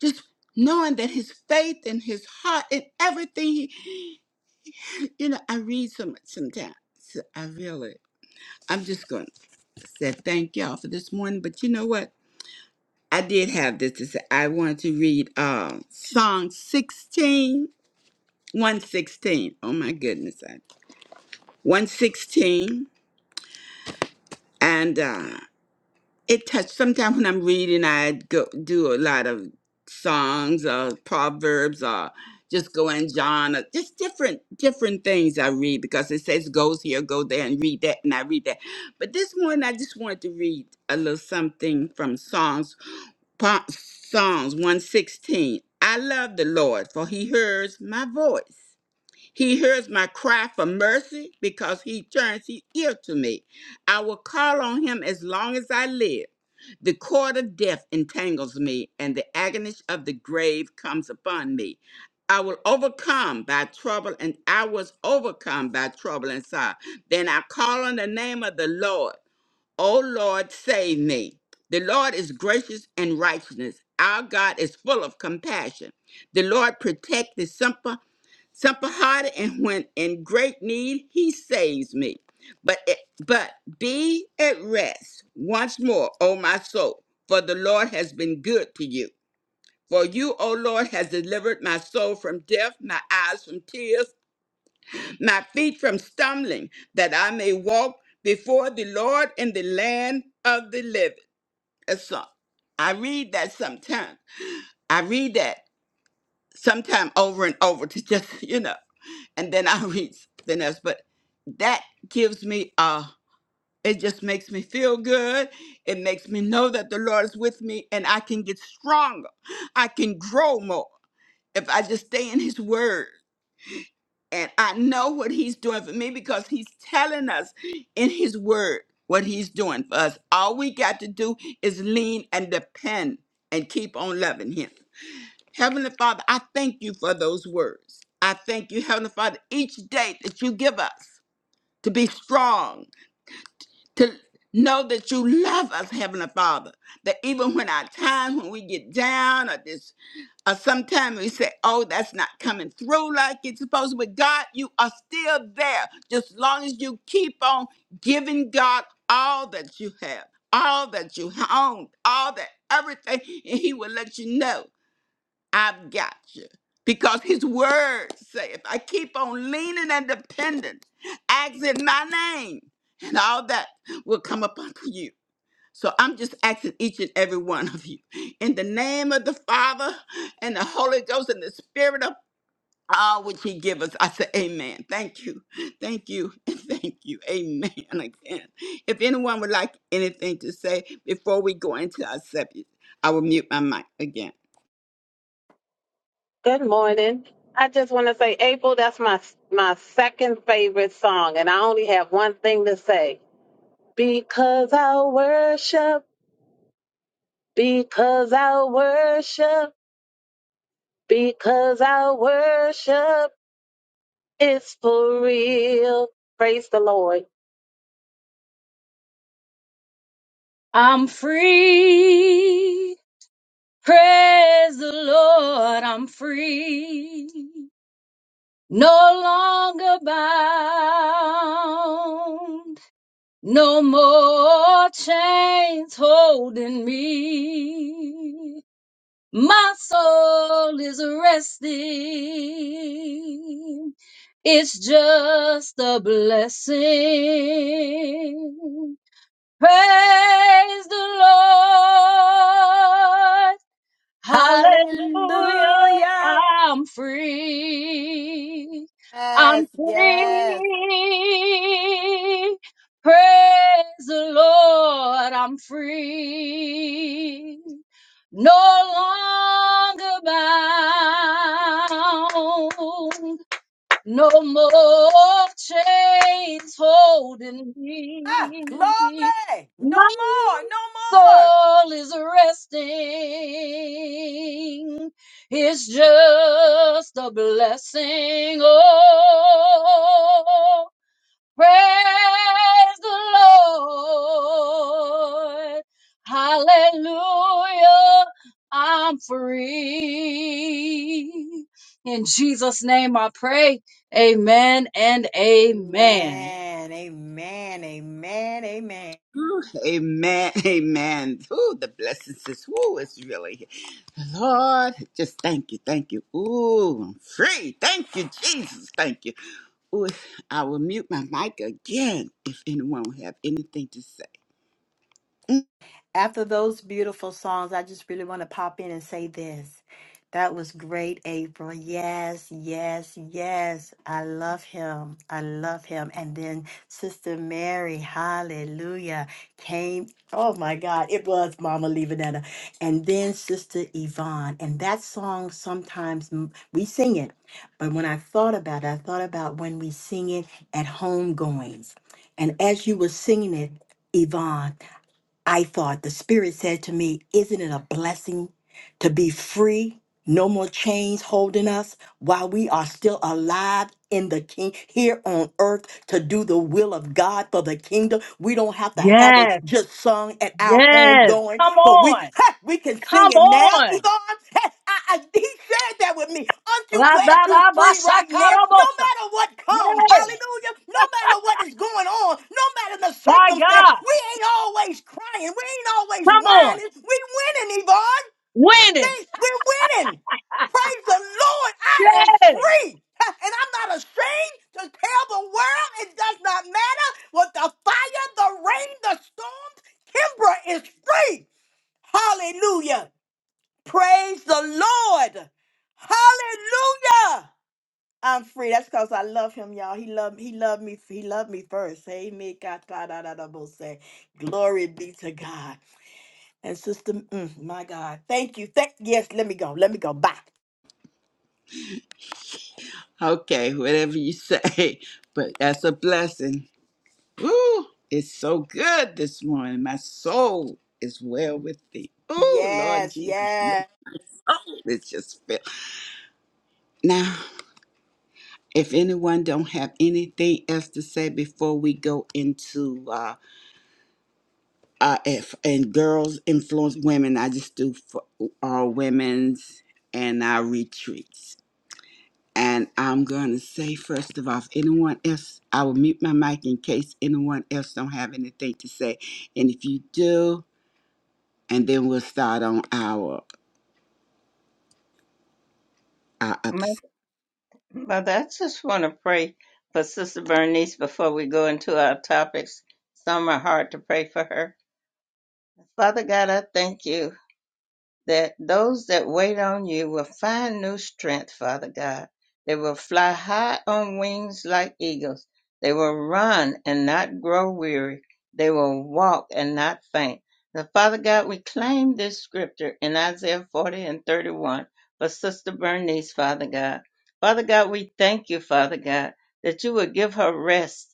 Speaker 2: just knowing that his faith and his heart and everything he you know, I read so much sometimes. I really. I'm just going to say thank y'all for this morning. But you know what? I did have this to say. I wanted to read uh, Song 16, 116. Oh my goodness. I- 116. And uh, it touched. Sometimes when I'm reading, I go do a lot of songs, uh, proverbs, uh, just go in John, uh, just different different things I read because it says goes here, go there, and read that, and I read that. But this morning, I just wanted to read a little something from Songs. Pa- Psalms 116. I love the Lord, for he hears my voice. He hears my cry for mercy because he turns his ear to me. I will call on him as long as I live. The cord of death entangles me, and the agony of the grave comes upon me. I will overcome by trouble, and I was overcome by trouble and sorrow. Then I call on the name of the Lord. O Lord, save me. The Lord is gracious and righteousness. Our God is full of compassion. The Lord protect the simple, simple hearted, and when in great need, He saves me. But it, but be at rest once more, O my soul, for the Lord has been good to you. For you, O Lord, has delivered my soul from death, my eyes from tears my feet from stumbling, that I may walk before the Lord in the land of the living. That's all. I read that sometimes. I read that sometime over and over to just, you know, and then I read something else. But that gives me uh it just makes me feel good. It makes me know that the Lord is with me and I can get stronger. I can grow more if I just stay in his word. and I know what he's doing for me because he's telling us in his word what he's doing for us. All we got to do is lean and depend and keep on loving him. Heavenly Father, I thank you for those words. I thank you, Heavenly Father, each day that you give us to be strong to know that you love us, Heavenly Father. That even when our time, when we get down or this, or sometimes we say, oh, that's not coming through like it's supposed to, but God, you are still there. Just as long as you keep on giving God all that you have, all that you own, all that everything, and He will let you know. I've got you. Because his word saith, I keep on leaning and dependent, ask in my name, and all that will come upon you. So I'm just asking each and every one of you, in the name of the Father and the Holy Ghost and the Spirit of all which he give us. I say amen. Thank you. Thank you. And thank you. Amen again. If anyone would like anything to say before we go into our subject, I will mute my mic again.
Speaker 6: Good morning. I just want to say, April, that's my my second favorite song, and I only have one thing to say: because I worship, because I worship, because I worship, it's for real. Praise the Lord.
Speaker 7: I'm free. Praise the Lord, I'm free. No longer bound. No more chains holding me. My soul is resting. It's just a blessing. Praise the Lord. Hallelujah.
Speaker 1: Hallelujah.
Speaker 7: I'm free. I'm
Speaker 1: Yes.
Speaker 7: free. Praise the Lord. I'm free. No longer bound. No more chains holding
Speaker 1: Ah,
Speaker 7: me.
Speaker 1: glory. No
Speaker 7: My
Speaker 1: more. No more.
Speaker 7: soul is resting. It's just a blessing. Oh, Praise the Lord. Hallelujah. I'm free. In Jesus' name I pray. Amen and amen.
Speaker 1: Amen. Amen. Amen. Amen.
Speaker 2: Ooh, Amen. Amen. Ooh, the blessings is woo. It's really Lord. Just thank you. Thank you. Ooh, I'm free. Thank you, Jesus. Thank you. Ooh, I will mute my mic again if anyone will have anything to say. Mm,
Speaker 1: After those beautiful songs, I just really want to pop in and say this. That was great, April. Yes, yes, yes. I love him. I love him. And then Sister Mary, hallelujah, came. Oh my God, it was Mama Levanetta. And then Sister Yvonne. And that song sometimes mm, we sing it. But when I thought about it, I thought about when we sing it at homegoings. And as you were singing it, Yvonne. I thought the Spirit said to me, Isn't it a blessing to be free? No more chains holding us while we are still alive in the king here on earth to do the will of God for the kingdom. We don't have to have it
Speaker 7: Yes,
Speaker 1: just sung at our home
Speaker 7: yes.
Speaker 1: going,
Speaker 7: Come
Speaker 1: but we
Speaker 7: on.
Speaker 1: we can sing
Speaker 7: Come
Speaker 1: it now,
Speaker 7: on.
Speaker 1: Yvonne. I, I, he shared that with me. Aren't you glad you're free right now? No
Speaker 7: Ra-da-da-ba-shaka-ra-bosa.
Speaker 1: matter what comes,
Speaker 7: Yes.
Speaker 1: hallelujah. No matter what is going on, no matter the
Speaker 7: My
Speaker 1: circumstance,
Speaker 7: God.
Speaker 1: we ain't always crying. We ain't always
Speaker 7: Come on.
Speaker 1: whining. We winning, Yvonne.
Speaker 7: Winning.
Speaker 1: Things we're winning. Praise the Lord. I am
Speaker 7: Yes.
Speaker 1: free. Ha, And I'm not ashamed to tell the world it does not matter what the fire, the rain, the storms. Kimbra is free. Hallelujah. Praise the Lord. Hallelujah. I'm free. That's because I love him, y'all. He loved he loved me. He loved me first. Amen. God, God, God, God, God, say, Glory be to God. And sister, mm, my God. Thank you. Thank yes, let me go. Let me go. Bye.
Speaker 2: Okay, whatever you say. But that's a blessing. Ooh, it's so good this morning. My soul is well with thee. Ooh, Lord
Speaker 1: Yes,
Speaker 2: Jesus, my
Speaker 1: yes.
Speaker 2: soul is just filled. Now. If anyone don't have anything else to say before we go into uh, uh if and girls influence women, I just do for our women's and our retreats. And I'm gonna say first of all, if anyone else, I will mute my mic in case anyone else don't have anything to say. And if you do, and then we'll start on our our other.
Speaker 3: Mo- Mother, I just want to pray for Sister Bernice before we go into our topics. Some are hard to pray for her. Father God, I thank you. that those that wait on you will find new strength, Father God. They will fly high on wings like eagles. They will run and not grow weary. They will walk and not faint. Now, Father God, we claim this scripture in Isaiah 40 and 31 for Sister Bernice, Father God. Father God, we thank you, Father God, that you will give her rest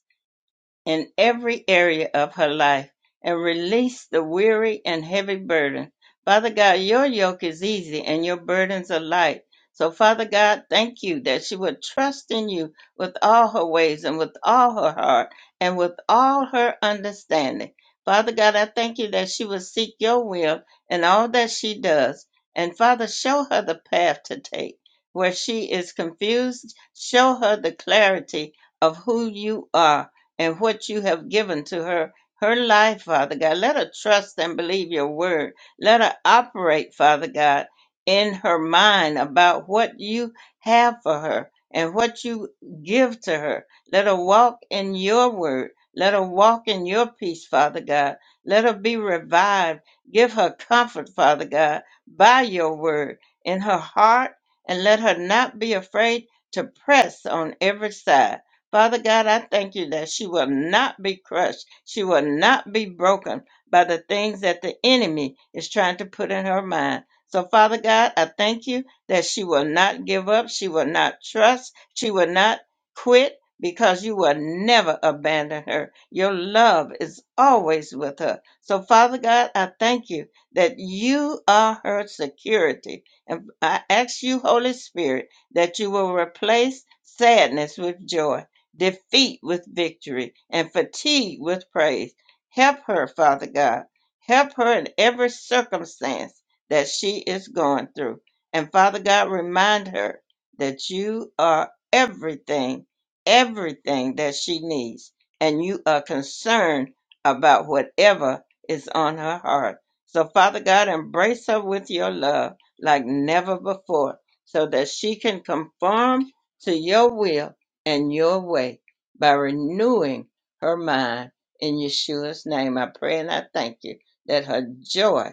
Speaker 3: in every area of her life and release the weary and heavy burden. Father God, your yoke is easy and your burdens are light. So, Father God, thank you that she would trust in you with all her ways and with all her heart and with all her understanding. Father God, I thank you that she will seek your will in all that she does. And Father, show her the path to take. Where she is confused, show her the clarity of who you are and what you have given to her, her life, Father God. Let her trust and believe your word. Let her operate, Father God, in her mind about what you have for her and what you give to her. Let her walk in your word. Let her walk in your peace, Father God. Let her be revived. Give her comfort, Father God, by your word in her heart, and let her not be afraid to press on every side. Father God, I thank you that she will not be crushed. She will not be broken by the things that the enemy is trying to put in her mind. So, Father God, I thank you that she will not give up. She will not trust. She will not quit because you will never abandon her. Your love is always with her. So, Father God, I thank you that you are her security. And I ask you, Holy Spirit, that you will replace sadness with joy defeat with victory, and fatigue with praise. Help her, Father God. Help her in every circumstance that she is going through. And Father God, remind her that you are everything, everything that she needs, and you are concerned about whatever is on her heart. So, Father God, embrace her with your love like never before so that she can conform to your will and your way by renewing her mind. In Yeshua's name, I pray and I thank you that her joy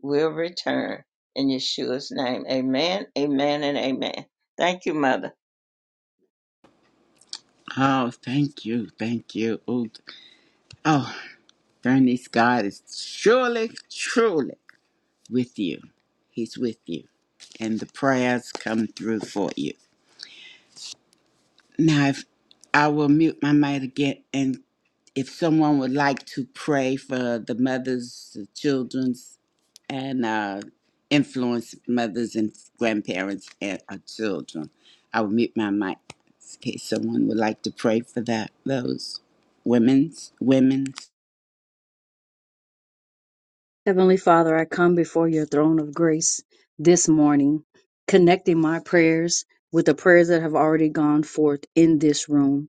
Speaker 3: will return. In Yeshua's name, amen, amen, and amen. Thank you, Mother.
Speaker 2: Oh, thank you, thank you. Oh, oh, Bernice, God is surely, truly. with you. He's with you. And the prayers come through for you. Now, if I will mute my mic again, and if someone would like to pray for the mothers, the children's, and uh, influence mothers and grandparents and our children, I will mute my mic. Okay, someone would like to pray for that. Those women's women.
Speaker 7: Heavenly Father, I come before your throne of grace this morning, connecting my prayers with the prayers that have already gone forth in this room.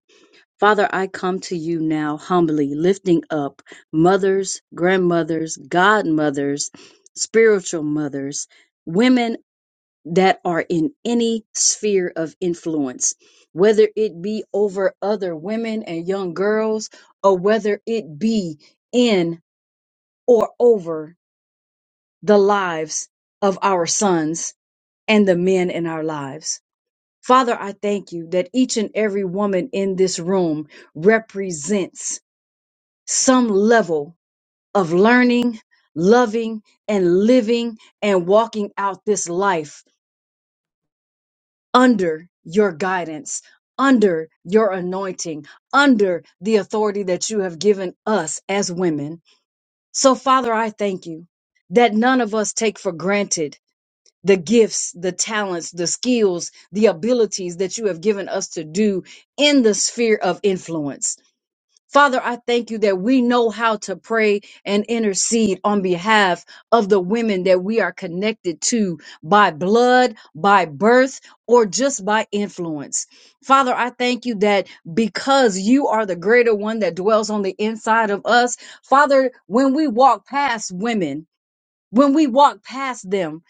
Speaker 7: Father, I come to you now humbly, lifting up mothers, grandmothers, godmothers, spiritual mothers, women that are in any sphere of influence, whether it be over other women and young girls, or whether it be in or over the lives of our sons and the men in our lives. Father, I thank you that each and every woman in this room represents some level of learning, loving, and living and walking out this life under your guidance, under your anointing, under the authority that you have given us as women. So, Father, I thank you that none of us take for granted the gifts, the talents, the skills, the abilities that you have given us to do in the sphere of influence. Father, I thank you that we know how to pray and intercede on behalf of the women that we are connected to by blood, by birth, or just by influence. Father, I thank you that because you are the greater one that dwells on the inside of us, Father, when we walk past women, when we walk past them,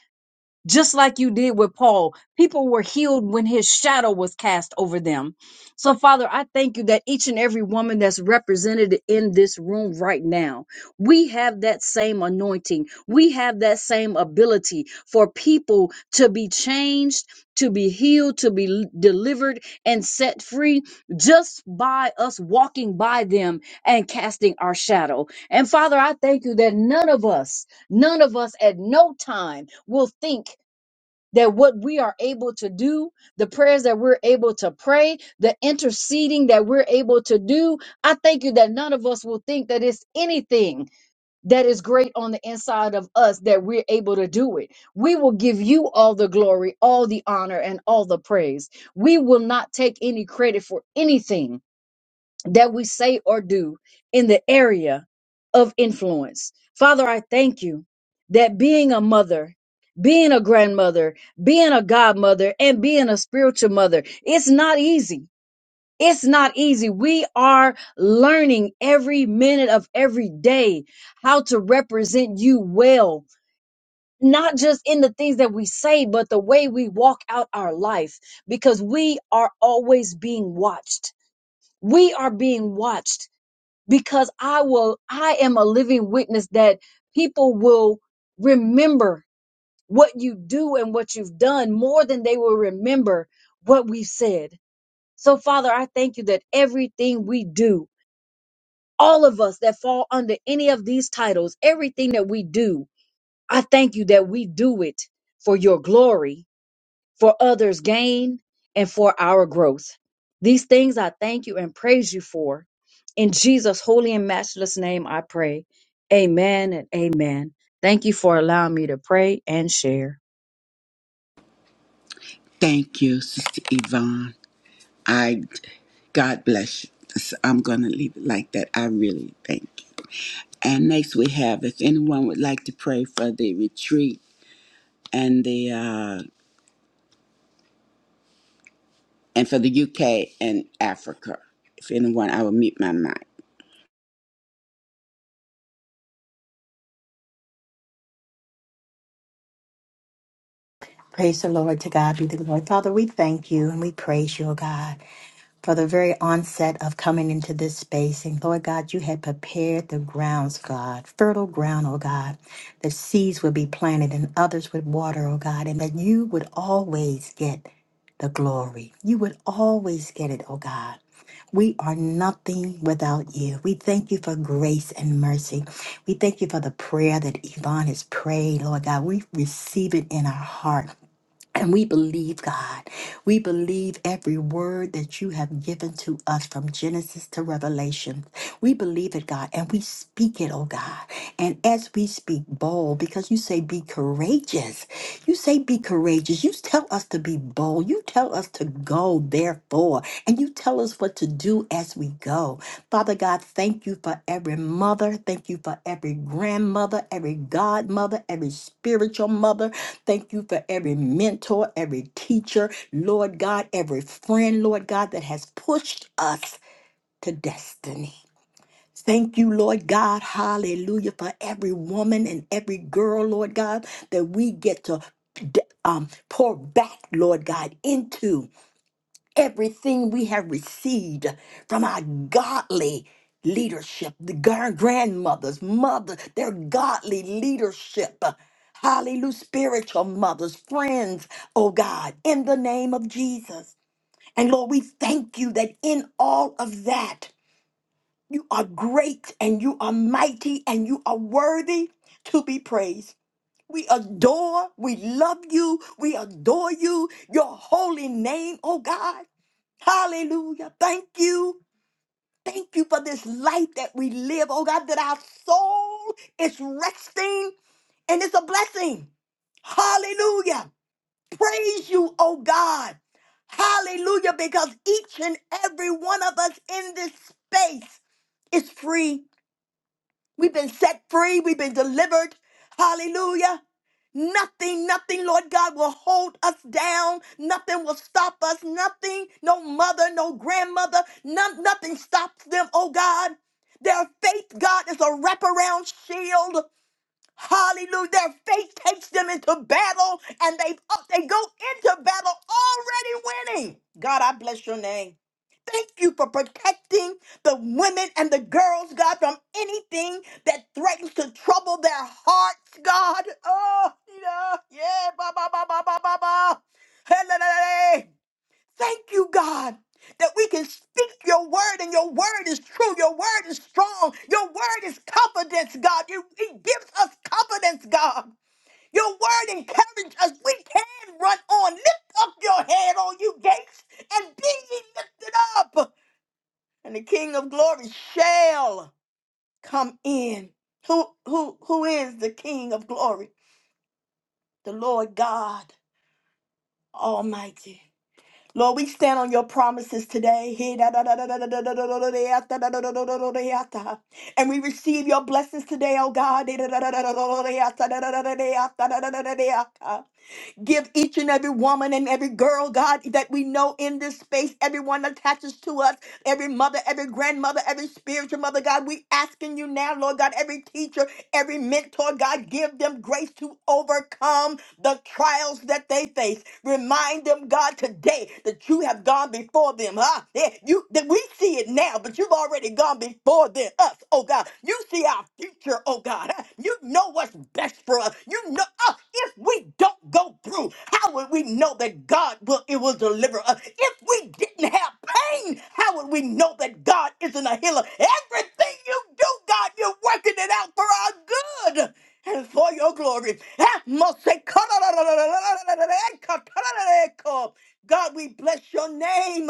Speaker 7: just like you did with Paul. People were healed when his shadow was cast over them. So, Father, I thank you that each and every woman that's represented in this room right now, we have that same anointing. We have that same ability for people to be changed, to be healed, to be l- delivered, and set free just by us walking by them and casting our shadow. And, Father, I thank you that none of us, none of us at no time will think that what we are able to do, the prayers that we're able to pray, the interceding that we're able to do, I thank you that none of us will think that it's anything that is great on the inside of us that we're able to do it. We will give you all the glory, all the honor, and all the praise. We will not take any credit for anything that we say or do in the area of influence. Father, I thank you that being a mother, being a grandmother, being a godmother, and being a spiritual mother, it's not easy. It's not easy. We are learning every minute of every day how to represent you well. Not just in the things that we say, but the way we walk out our life, because we are always being watched. We are being watched because I will, I am a living witness that people will remember what you do and what you've done more than they will remember what we've said. So, Father, I thank you that everything we do, all of us that fall under any of these titles, everything that we do, I thank you that we do it for your glory for others' gain, and for our growth. These things I thank you and praise you for. In Jesus' holy and matchless name, I pray. Amen and amen. Thank you for allowing me to pray and share.
Speaker 2: Thank you, Sister Yvonne. I. God bless you. So I'm going to leave it like that. I really thank you. And next we have, if anyone would like to pray for the retreat and the uh, and for the UK and Africa, if anyone, I will mute my mic.
Speaker 1: Praise the Lord. To God be the glory. Father, we thank you and we praise you, O God. for the very onset of coming into this space. And Lord God, you had prepared the grounds, God, fertile ground, oh God, that seeds would be planted and others would water, oh God, and that you would always get the glory. You would always get it, oh God. We are nothing without you. We thank you for grace and mercy. We thank you for the prayer that Yvonne has prayed, Lord God. We receive it in our heart. And we believe, God. We believe every word that you have given to us from Genesis to Revelation. We believe it, God, and we speak it, oh God. And as we speak bold, because you say be courageous. You say be courageous. You tell us to be bold. You tell us to go, therefore. And you tell us what to do as we go. Father God, thank you for every mother. Thank you for every grandmother, every godmother, every spiritual mother. Thank you for every mentor, every teacher, Lord God, every friend, Lord God, that has pushed us to destiny. Thank you, Lord God, hallelujah, for every woman and every girl, Lord God, that we get to d- um, pour back, Lord God, into everything we have received from our godly leadership, the gar- grandmothers, mother, their godly leadership. Hallelujah, spiritual mothers, friends, oh God, in the name of Jesus. And Lord, we thank you that in all of that, you are great and you are mighty and you are worthy to be praised. We adore, we love you, we adore you, your holy name, oh God. Hallelujah. Thank you. Thank you for this life that we live. Oh God, that our soul is resting and it's a blessing. Hallelujah. Praise you, oh God. Hallelujah. Because each and every one of us in this space is free We've been set free. We've been delivered. Hallelujah. Nothing, nothing, Lord God, will hold us down. Nothing will stop us. Nothing, no mother, no grandmother, none, nothing stops them, oh God. Their faith, God, is a wraparound shield. Hallelujah. Their faith takes them into battle and they up they go into battle already winning. God, I bless your name. Thank you for protecting the women and the girls, God, from anything that threatens to trouble their hearts, God. Oh, yeah, yeah, ba ba ba ba ba ba ba. Thank you, God, that we can speak your word and your word is true. Your word is strong. Your word is confidence, God. You, it gives us confidence, God. Your word encourages us. We can run on. Lift up your head, all you gates, and be ye lifted up. And the King of glory shall come in. Who, who, who is the King of glory? The Lord God Almighty. Lord, we stand on your promises today. And we receive your blessings today, oh God. Give each and every woman and every girl, God, that we know in this space, everyone attaches to us, every mother, every grandmother, every spiritual mother, God, we asking you now, Lord God, every teacher, every mentor, God, give them grace to overcome the trials that they face. Remind them, God, today that you have gone before them. Huh? Yeah, you that we see it now, but you've already gone before them oh God. You see our future, oh God. You know what's best for us. You know uh, if we don't go through, how would we know that God will it will deliver us? If we didn't have pain, how would we know that God isn't a healer? Everything you do, God, you're working it out for our good and for your glory. God, we bless your name.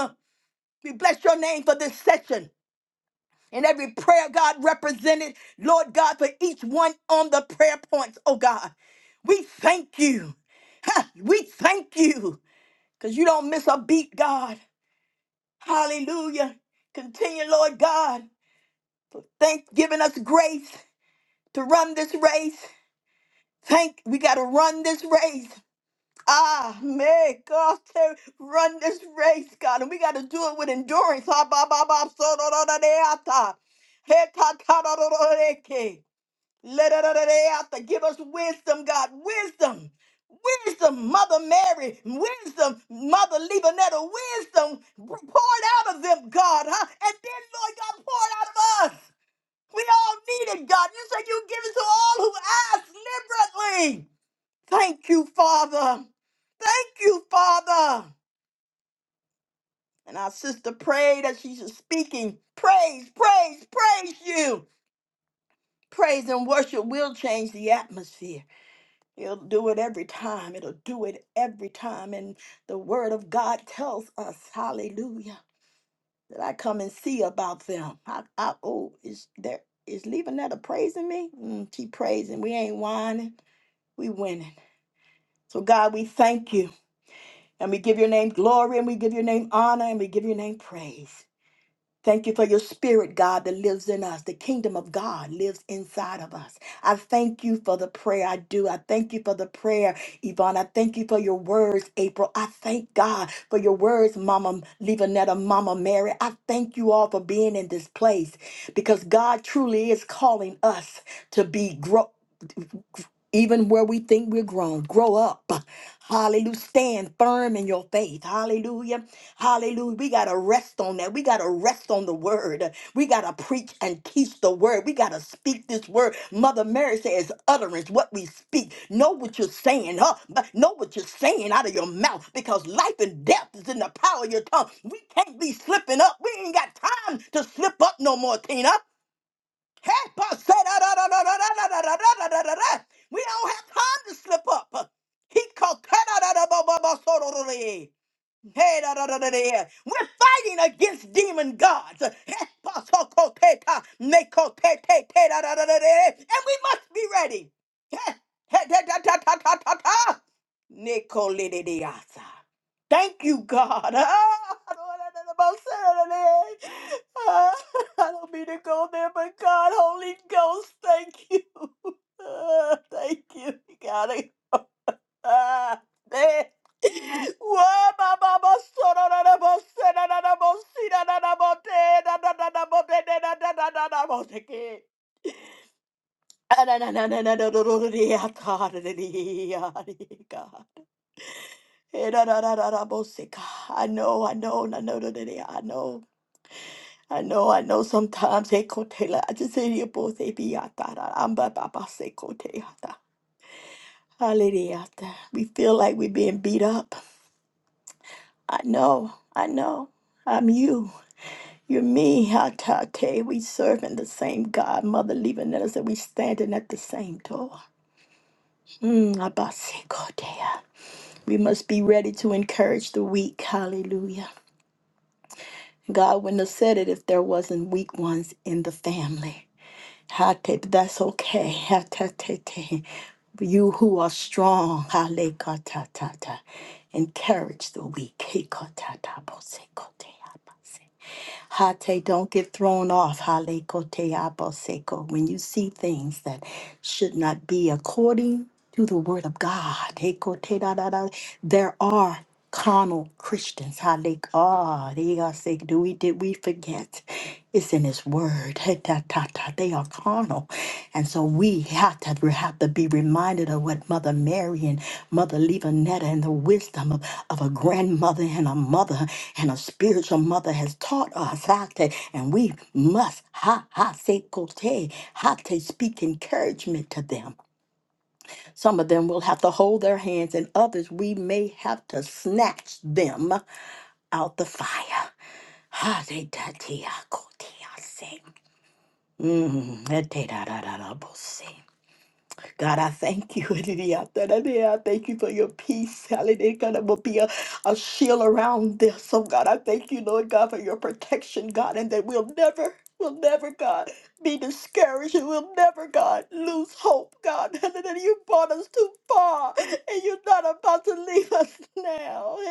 Speaker 1: We bless your name for this session and every prayer, God, represented, Lord God, for each one on the prayer points, oh God. We thank you. Ha, We thank you because you don't miss a beat, God. Hallelujah. Continue, Lord God, for thank giving us grace to run this race. Thank we got to run this race. Ah, man, God, to run this race, God, and we got to do it with endurance. Ah, ba, ba, ba, so, do, do, do, de, ah, ta. He, ta, ta, do, do, do, de, ke. Let it out to give us wisdom, God. Wisdom. Wisdom, Mother Mary, wisdom, Mother Lebanetta, wisdom poured out of them, God, huh? And then, Lord God, poured out of us. We all need it, God. You said you give it to all who ask liberally. Thank you, Father. Thank you, Father. And our sister prayed as she's speaking. Praise, praise, praise you. Praise and worship will change the atmosphere. It'll do it every time. It'll do it every time. And the word of God tells us, hallelujah, that I come and see about them. I, I oh, is there is Levanetta praising me? Mm, she praising. We ain't whining. We winning. So God, we thank you. And we give your name glory and we give your name honor and we give your name praise. Thank you for your spirit, God, that lives in us. The kingdom of God lives inside of us. I thank you for the prayer I do. I thank you for the prayer, Yvonne. I thank you for your words, April. I thank God for your words, Mama Levanetta, Mama Mary. I thank you all for being in this place because God truly is calling us to be grow even where we think we're grown, grow up. Hallelujah. Stand firm in your faith. Hallelujah. Hallelujah. We got to rest on that. We got to rest on the word. We got to preach and teach the word. We got to speak this word. Mother Mary says, utterance, what we speak. Know what you're saying, huh? But Know what you're saying out of your mouth because life and death is in the power of your tongue. We can't be slipping up. We ain't got time to slip up no more, Tina. We don't have time to slip up. He called. Hey, da, da, da, da, da. yeah. We're fighting against demon gods. Hepatokoteka, mekotetete, da, da, da, da, da. yeah. And we must be ready. Heh, heh, da, da, da, da, da, da, da. Nikolididiasa. Thank you, God. Ah, I don't wanna know about Saturday. Ah, I don't mean to go there, but God, Holy Ghost, thank you. Ah, Thank you. God. Ah, man. Whoa, ba, ba, ba, so, na na na bo, se, na na na bo, si, na na na bo, te, na na na na bo, de, de, na na na na na bo, te, ke. Ah, na na na na na da, da, da, da, dee, ah, God, da, da, dee, ah, dee, God. Eh, na na na na na bo, se, God. I know, I know, na know, da, da, dee, I know. I know, I know sometimes they could tell I just say you both they be out there. I'm ba ba ba se kote Hallelujah. We feel like we're being beat up. I know, I know. I'm you. You're me, Hatate. We serving the same God, Mother leaving us, and we standing at the same door. Mm, Abasekotea. we must be ready to encourage the weak. Hallelujah. God wouldn't have said it if there wasn't weak ones in the family. Hate, but that's okay. Hatatete. You who are strong, halekatatata. encourage the weak. Hekotatabosekotea. Hate, don't get thrown off. Hale kote aboseko. When you see things that should not be according to the word of God. Hey, kote da da da. There are carnal Christians. Hale ah, they are sick. Do we did we forget? It's in His Word. Hey, ta ta ta. They are carnal, and so we have to we have to be reminded of what Mother Mary and Mother Levanetta and the wisdom of, of a grandmother and a mother and a spiritual mother has taught us how to, and we must ha ha se kote, how to speak encouragement to them. Some of them will have to hold their hands, and others we may have to snatch them out the fire. Ha de da te a kote a se. Mm, da te da da da da bo se. God, I thank you. I thank you for your peace. Hallelujah. God, it will be a, a shield around this. Oh, God, I thank you, Lord God, for your protection, God, and that we'll never, we'll never, God, be discouraged. And we'll never, God, lose hope, God. Hallelujah. You brought us too far, and you're not about to leave us now.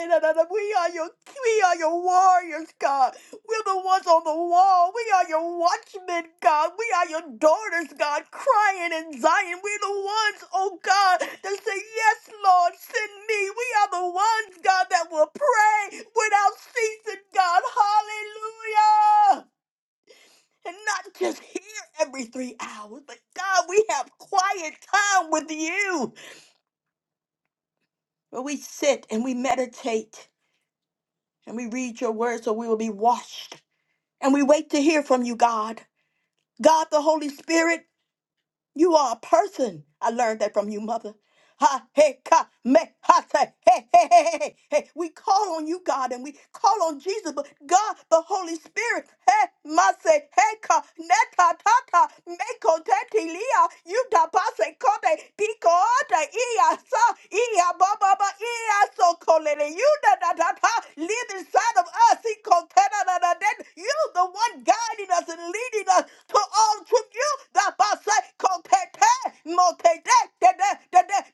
Speaker 1: We are your, we are your warriors, God. We're the ones on the wall. We are your watchmen, God. We are your daughters, God, crying in Zion. We're the ones, oh God, that say, Yes, Lord, send me. We are the ones, God, that will pray without ceasing, God. Hallelujah. And not just here every three hours, but God, we have quiet time with you where we sit and we meditate and we read your word so we will be washed. And we wait to hear from you, God. God the Holy Spirit. You are a person. I learned that from you, mother. Ha, hey, ka, me, ha, say, hey, hey, hey, hey, hey, hey. We call on you, God, and we call on Jesus, but God, the Holy Spirit, hey, ma, say, hey, ka, neta, ta, ta, meko, te, ti, lia, you, da, ba, se, kote, pico, ota, ia, sa, ia, ba, ba, ba, ia, so, kolele, you, da, da, da, da, live inside of us, then you, the one guiding us and leading us to all truth, you, the Basai Kopete, Motete,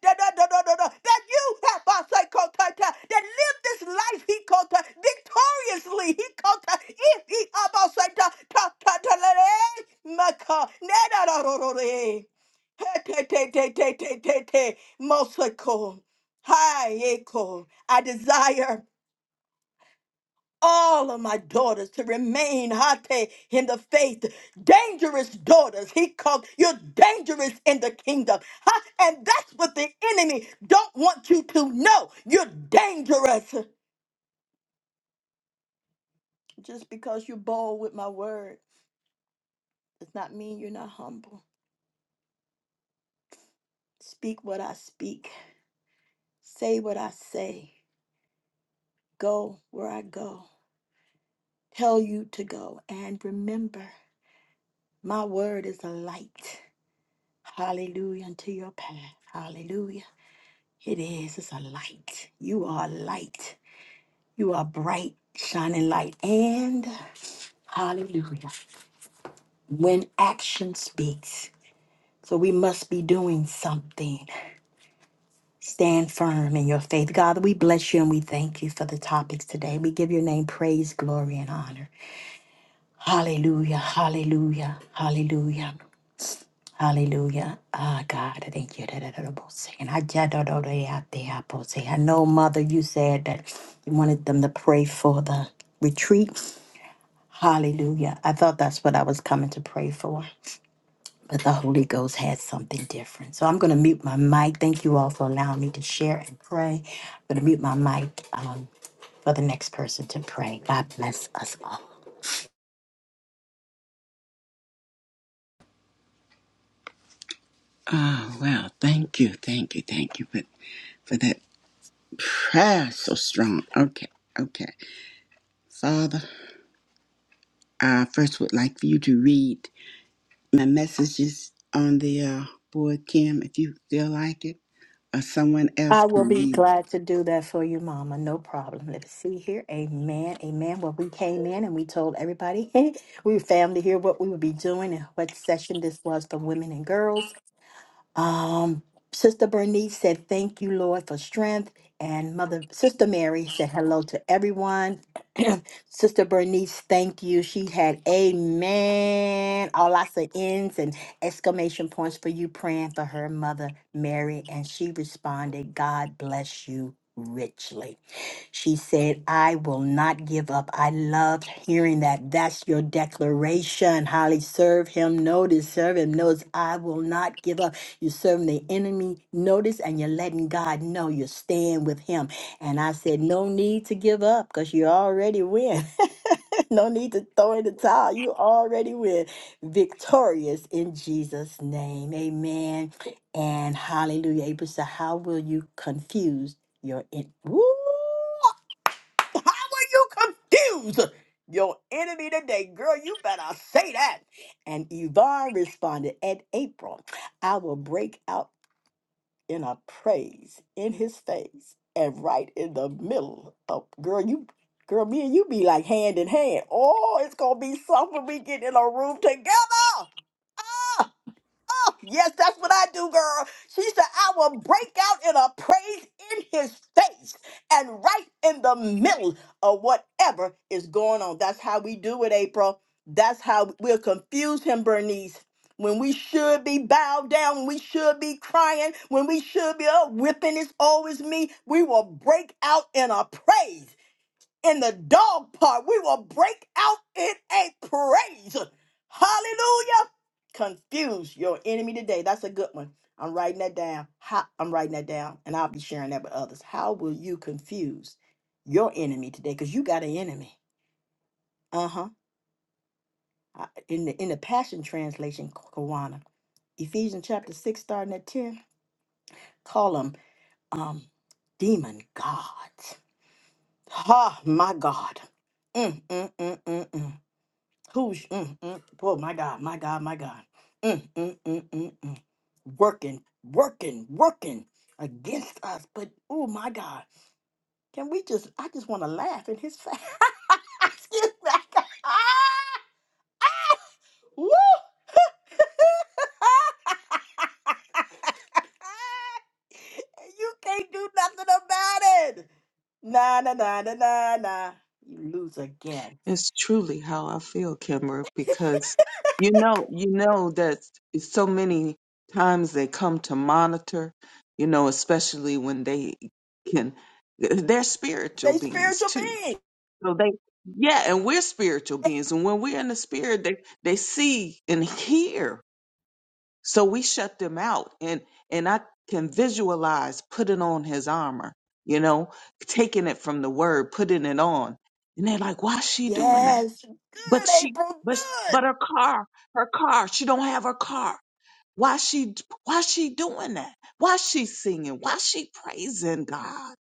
Speaker 1: that you have Basai Kotata, that live this life, he Kota, victoriously, he Kota, if he Abasai Ta Ta Ta Ta Le, Maka, Neda Rorore. Te te te te te te te te, Mosako. Hi, Eko. I desire all of my daughters to remain hate in the faith. Dangerous daughters. He called you dangerous in the kingdom. Huh? And that's what the enemy don't want you to know. You're dangerous. Just because you're bold with my word does not mean you're not humble. Speak what I speak. Say what I say. Go where I go. Tell you to go. And remember, my word is a light. Hallelujah unto your path. Hallelujah. It is. It's a light. You are a light. You are bright, shining light. And hallelujah. When action speaks. So we must be doing something. Stand firm in your faith. God, we bless you and we thank you for the topics today. We give your name praise, glory, and honor. Hallelujah. Hallelujah. Hallelujah. Hallelujah. Ah, God, I thank you. And I just don't know they out there. I both say, I know, Mother, you said that you wanted them to pray for the retreat. Hallelujah. I thought that's what I was coming to pray for. But the Holy Ghost had something different. So I'm going to mute my mic. Thank you all for allowing me to share and pray. I'm going to mute my mic um, for the next person to pray. God bless us all.
Speaker 2: Oh well, thank you, thank you, thank you for for that prayer so strong. Okay, okay, Father, I first would like for you to read my messages on the uh, board, Kim, if you feel like it, or someone else
Speaker 1: I will
Speaker 2: can
Speaker 1: be
Speaker 2: read.
Speaker 1: glad to do that for you, Mama. No problem. Let's see here. Amen. Amen. Well, we came in and we told everybody, we were family here, what we would be doing and what session this was for women and girls. Um, Sister Bernice said, "Thank you, Lord, for strength." And Mother Sister Mary said, "Hello to everyone." Sister Bernice, thank you. She had Amen. All lots of ends and exclamation points for you praying for her mother Mary, and she responded, "God bless you." Richly. She said, I will not give up. I loved hearing that. That's your declaration. Holly, serve him, no, to serve him, knows I will not give up. You're serving the enemy notice and you're letting God know you're staying with Him. And I said, No need to give up because you already win. no need to throw in the towel. You already win. Victorious in Jesus' name. Amen. And hallelujah. April, so how will you confuse your in? Woo! How are you confused? Your enemy today, girl, you better say that. And Yvonne responded, "And April, I will break out in a praise in his face and right in the middle of, girl, you, girl, me and you be like hand in hand. Oh, it's going to be something we get in a room together. Yes, that's what I do, girl. She said, I will break out in a praise in his face and right in the middle of whatever is going on. That's how we do it, April. That's how we'll confuse him, Bernice. When we should be bowed down, when we should be crying, when we should be, oh, whipping is always me, we will break out in a praise in the dog part. We will break out in a praise. Hallelujah. Confuse your enemy today. That's a good one. I'm writing that down. How, I'm writing that down and I'll be sharing that with others. How will you confuse your enemy today? Because you got an enemy. Uh-huh. I- In the in the Passion Translation, Kawana. Ephesians chapter 6, starting at 10. Call them um demon gods. Ha, my God. Mm, mm, mm, mm, mm. Who's mm, mm, oh my God, my God, my God. Mm, mm, mm, mm, mm. Working, working, working against us. But oh my God, can we just I just want to laugh in his face. Excuse me. Woo! you can't do nothing about it. Nah, nah, nah, nah, nah, nah. You lose again.
Speaker 5: It's truly how I feel, Kimber, because you know, you know that so many times they come to monitor, you know, especially when they can, they're spiritual
Speaker 1: They
Speaker 5: beings
Speaker 1: spiritual
Speaker 5: too.
Speaker 1: being.
Speaker 5: So they, yeah, and we're spiritual beings. And when we're in the spirit, they, they see and hear. So we shut them out. And, and I can visualize putting on his armor, you know, taking it from the word, putting it on. And they're like, why is she doing that?
Speaker 1: Yes.
Speaker 5: But
Speaker 1: Good,
Speaker 5: she,
Speaker 1: April.
Speaker 5: but but her car, her car. She don't have her car. Why she? Why she doing that? Why she singing? Why she praising God?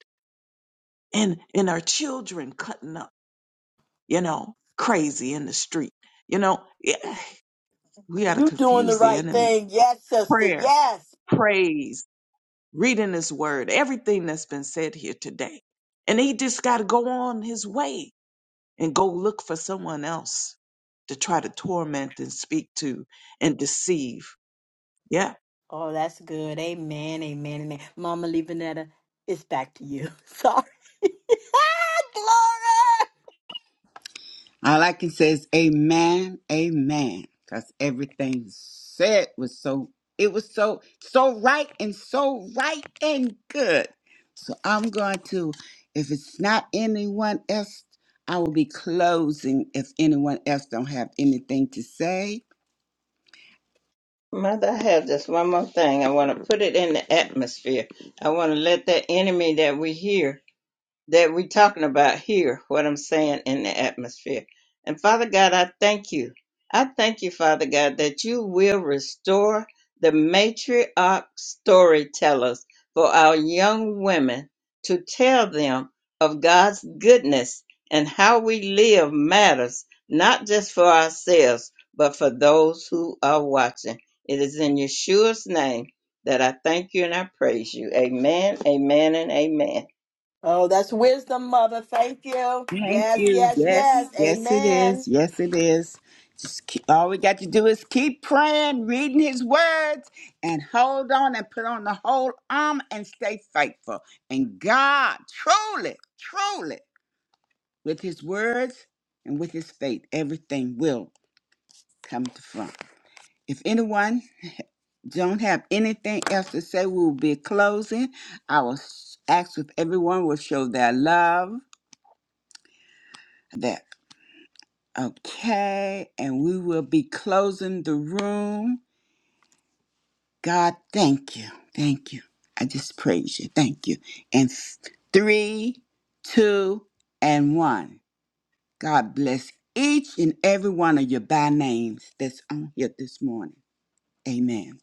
Speaker 5: And and her children cutting up, you know, crazy in the street. You know, yeah, we gotta
Speaker 1: You doing the
Speaker 5: confuse the
Speaker 1: right
Speaker 5: enemy.
Speaker 1: thing. Yes, sister.
Speaker 5: Prayer,
Speaker 1: Yes.
Speaker 5: praise, reading His Word, everything that's been said here today, and he just gotta go on his way and go look for someone else to try to torment and speak to and deceive. Yeah.
Speaker 1: Oh, that's good. Amen. Amen. Amen. Mama Levanetta, it's back to you. Sorry. Glory.
Speaker 2: All I can say is amen, amen. Because everything said was so, it was so, so right and so right and good. So I'm going to, if it's not anyone else, I will be closing if anyone else don't have anything to say.
Speaker 3: Mother, I have just one more thing. I want to put it in the atmosphere. I want to let that enemy that we hear. that we're talking about here, what I'm saying in the atmosphere. And Father God, I thank you. I thank you, Father God, that you will restore the matriarch storytellers for our young women to tell them of God's goodness and how we live matters, not just for ourselves, but for those who are watching. It is in Yeshua's name that I thank you and I praise you. Amen, amen, and amen.
Speaker 1: Oh, that's wisdom, mother. Thank you.
Speaker 2: Thank
Speaker 1: Yes,
Speaker 2: you.
Speaker 1: yes,
Speaker 2: Yes,
Speaker 1: yes.
Speaker 2: yes, it
Speaker 1: Amen.
Speaker 2: is. Yes, it is. Just keep, all we got to do is keep praying, reading His words, and hold on and put on the whole armor and stay faithful. And God, truly, truly, with His words and with His faith, everything will come to front. If anyone don't have anything else to say, we will be closing. I will s- ask if everyone will show their love, Okay, and we will be closing the room. God, thank you. Thank you. I just praise you. Thank you. And f- three, two, and one. God bless each and every one of you by names that's on here this morning. Amen.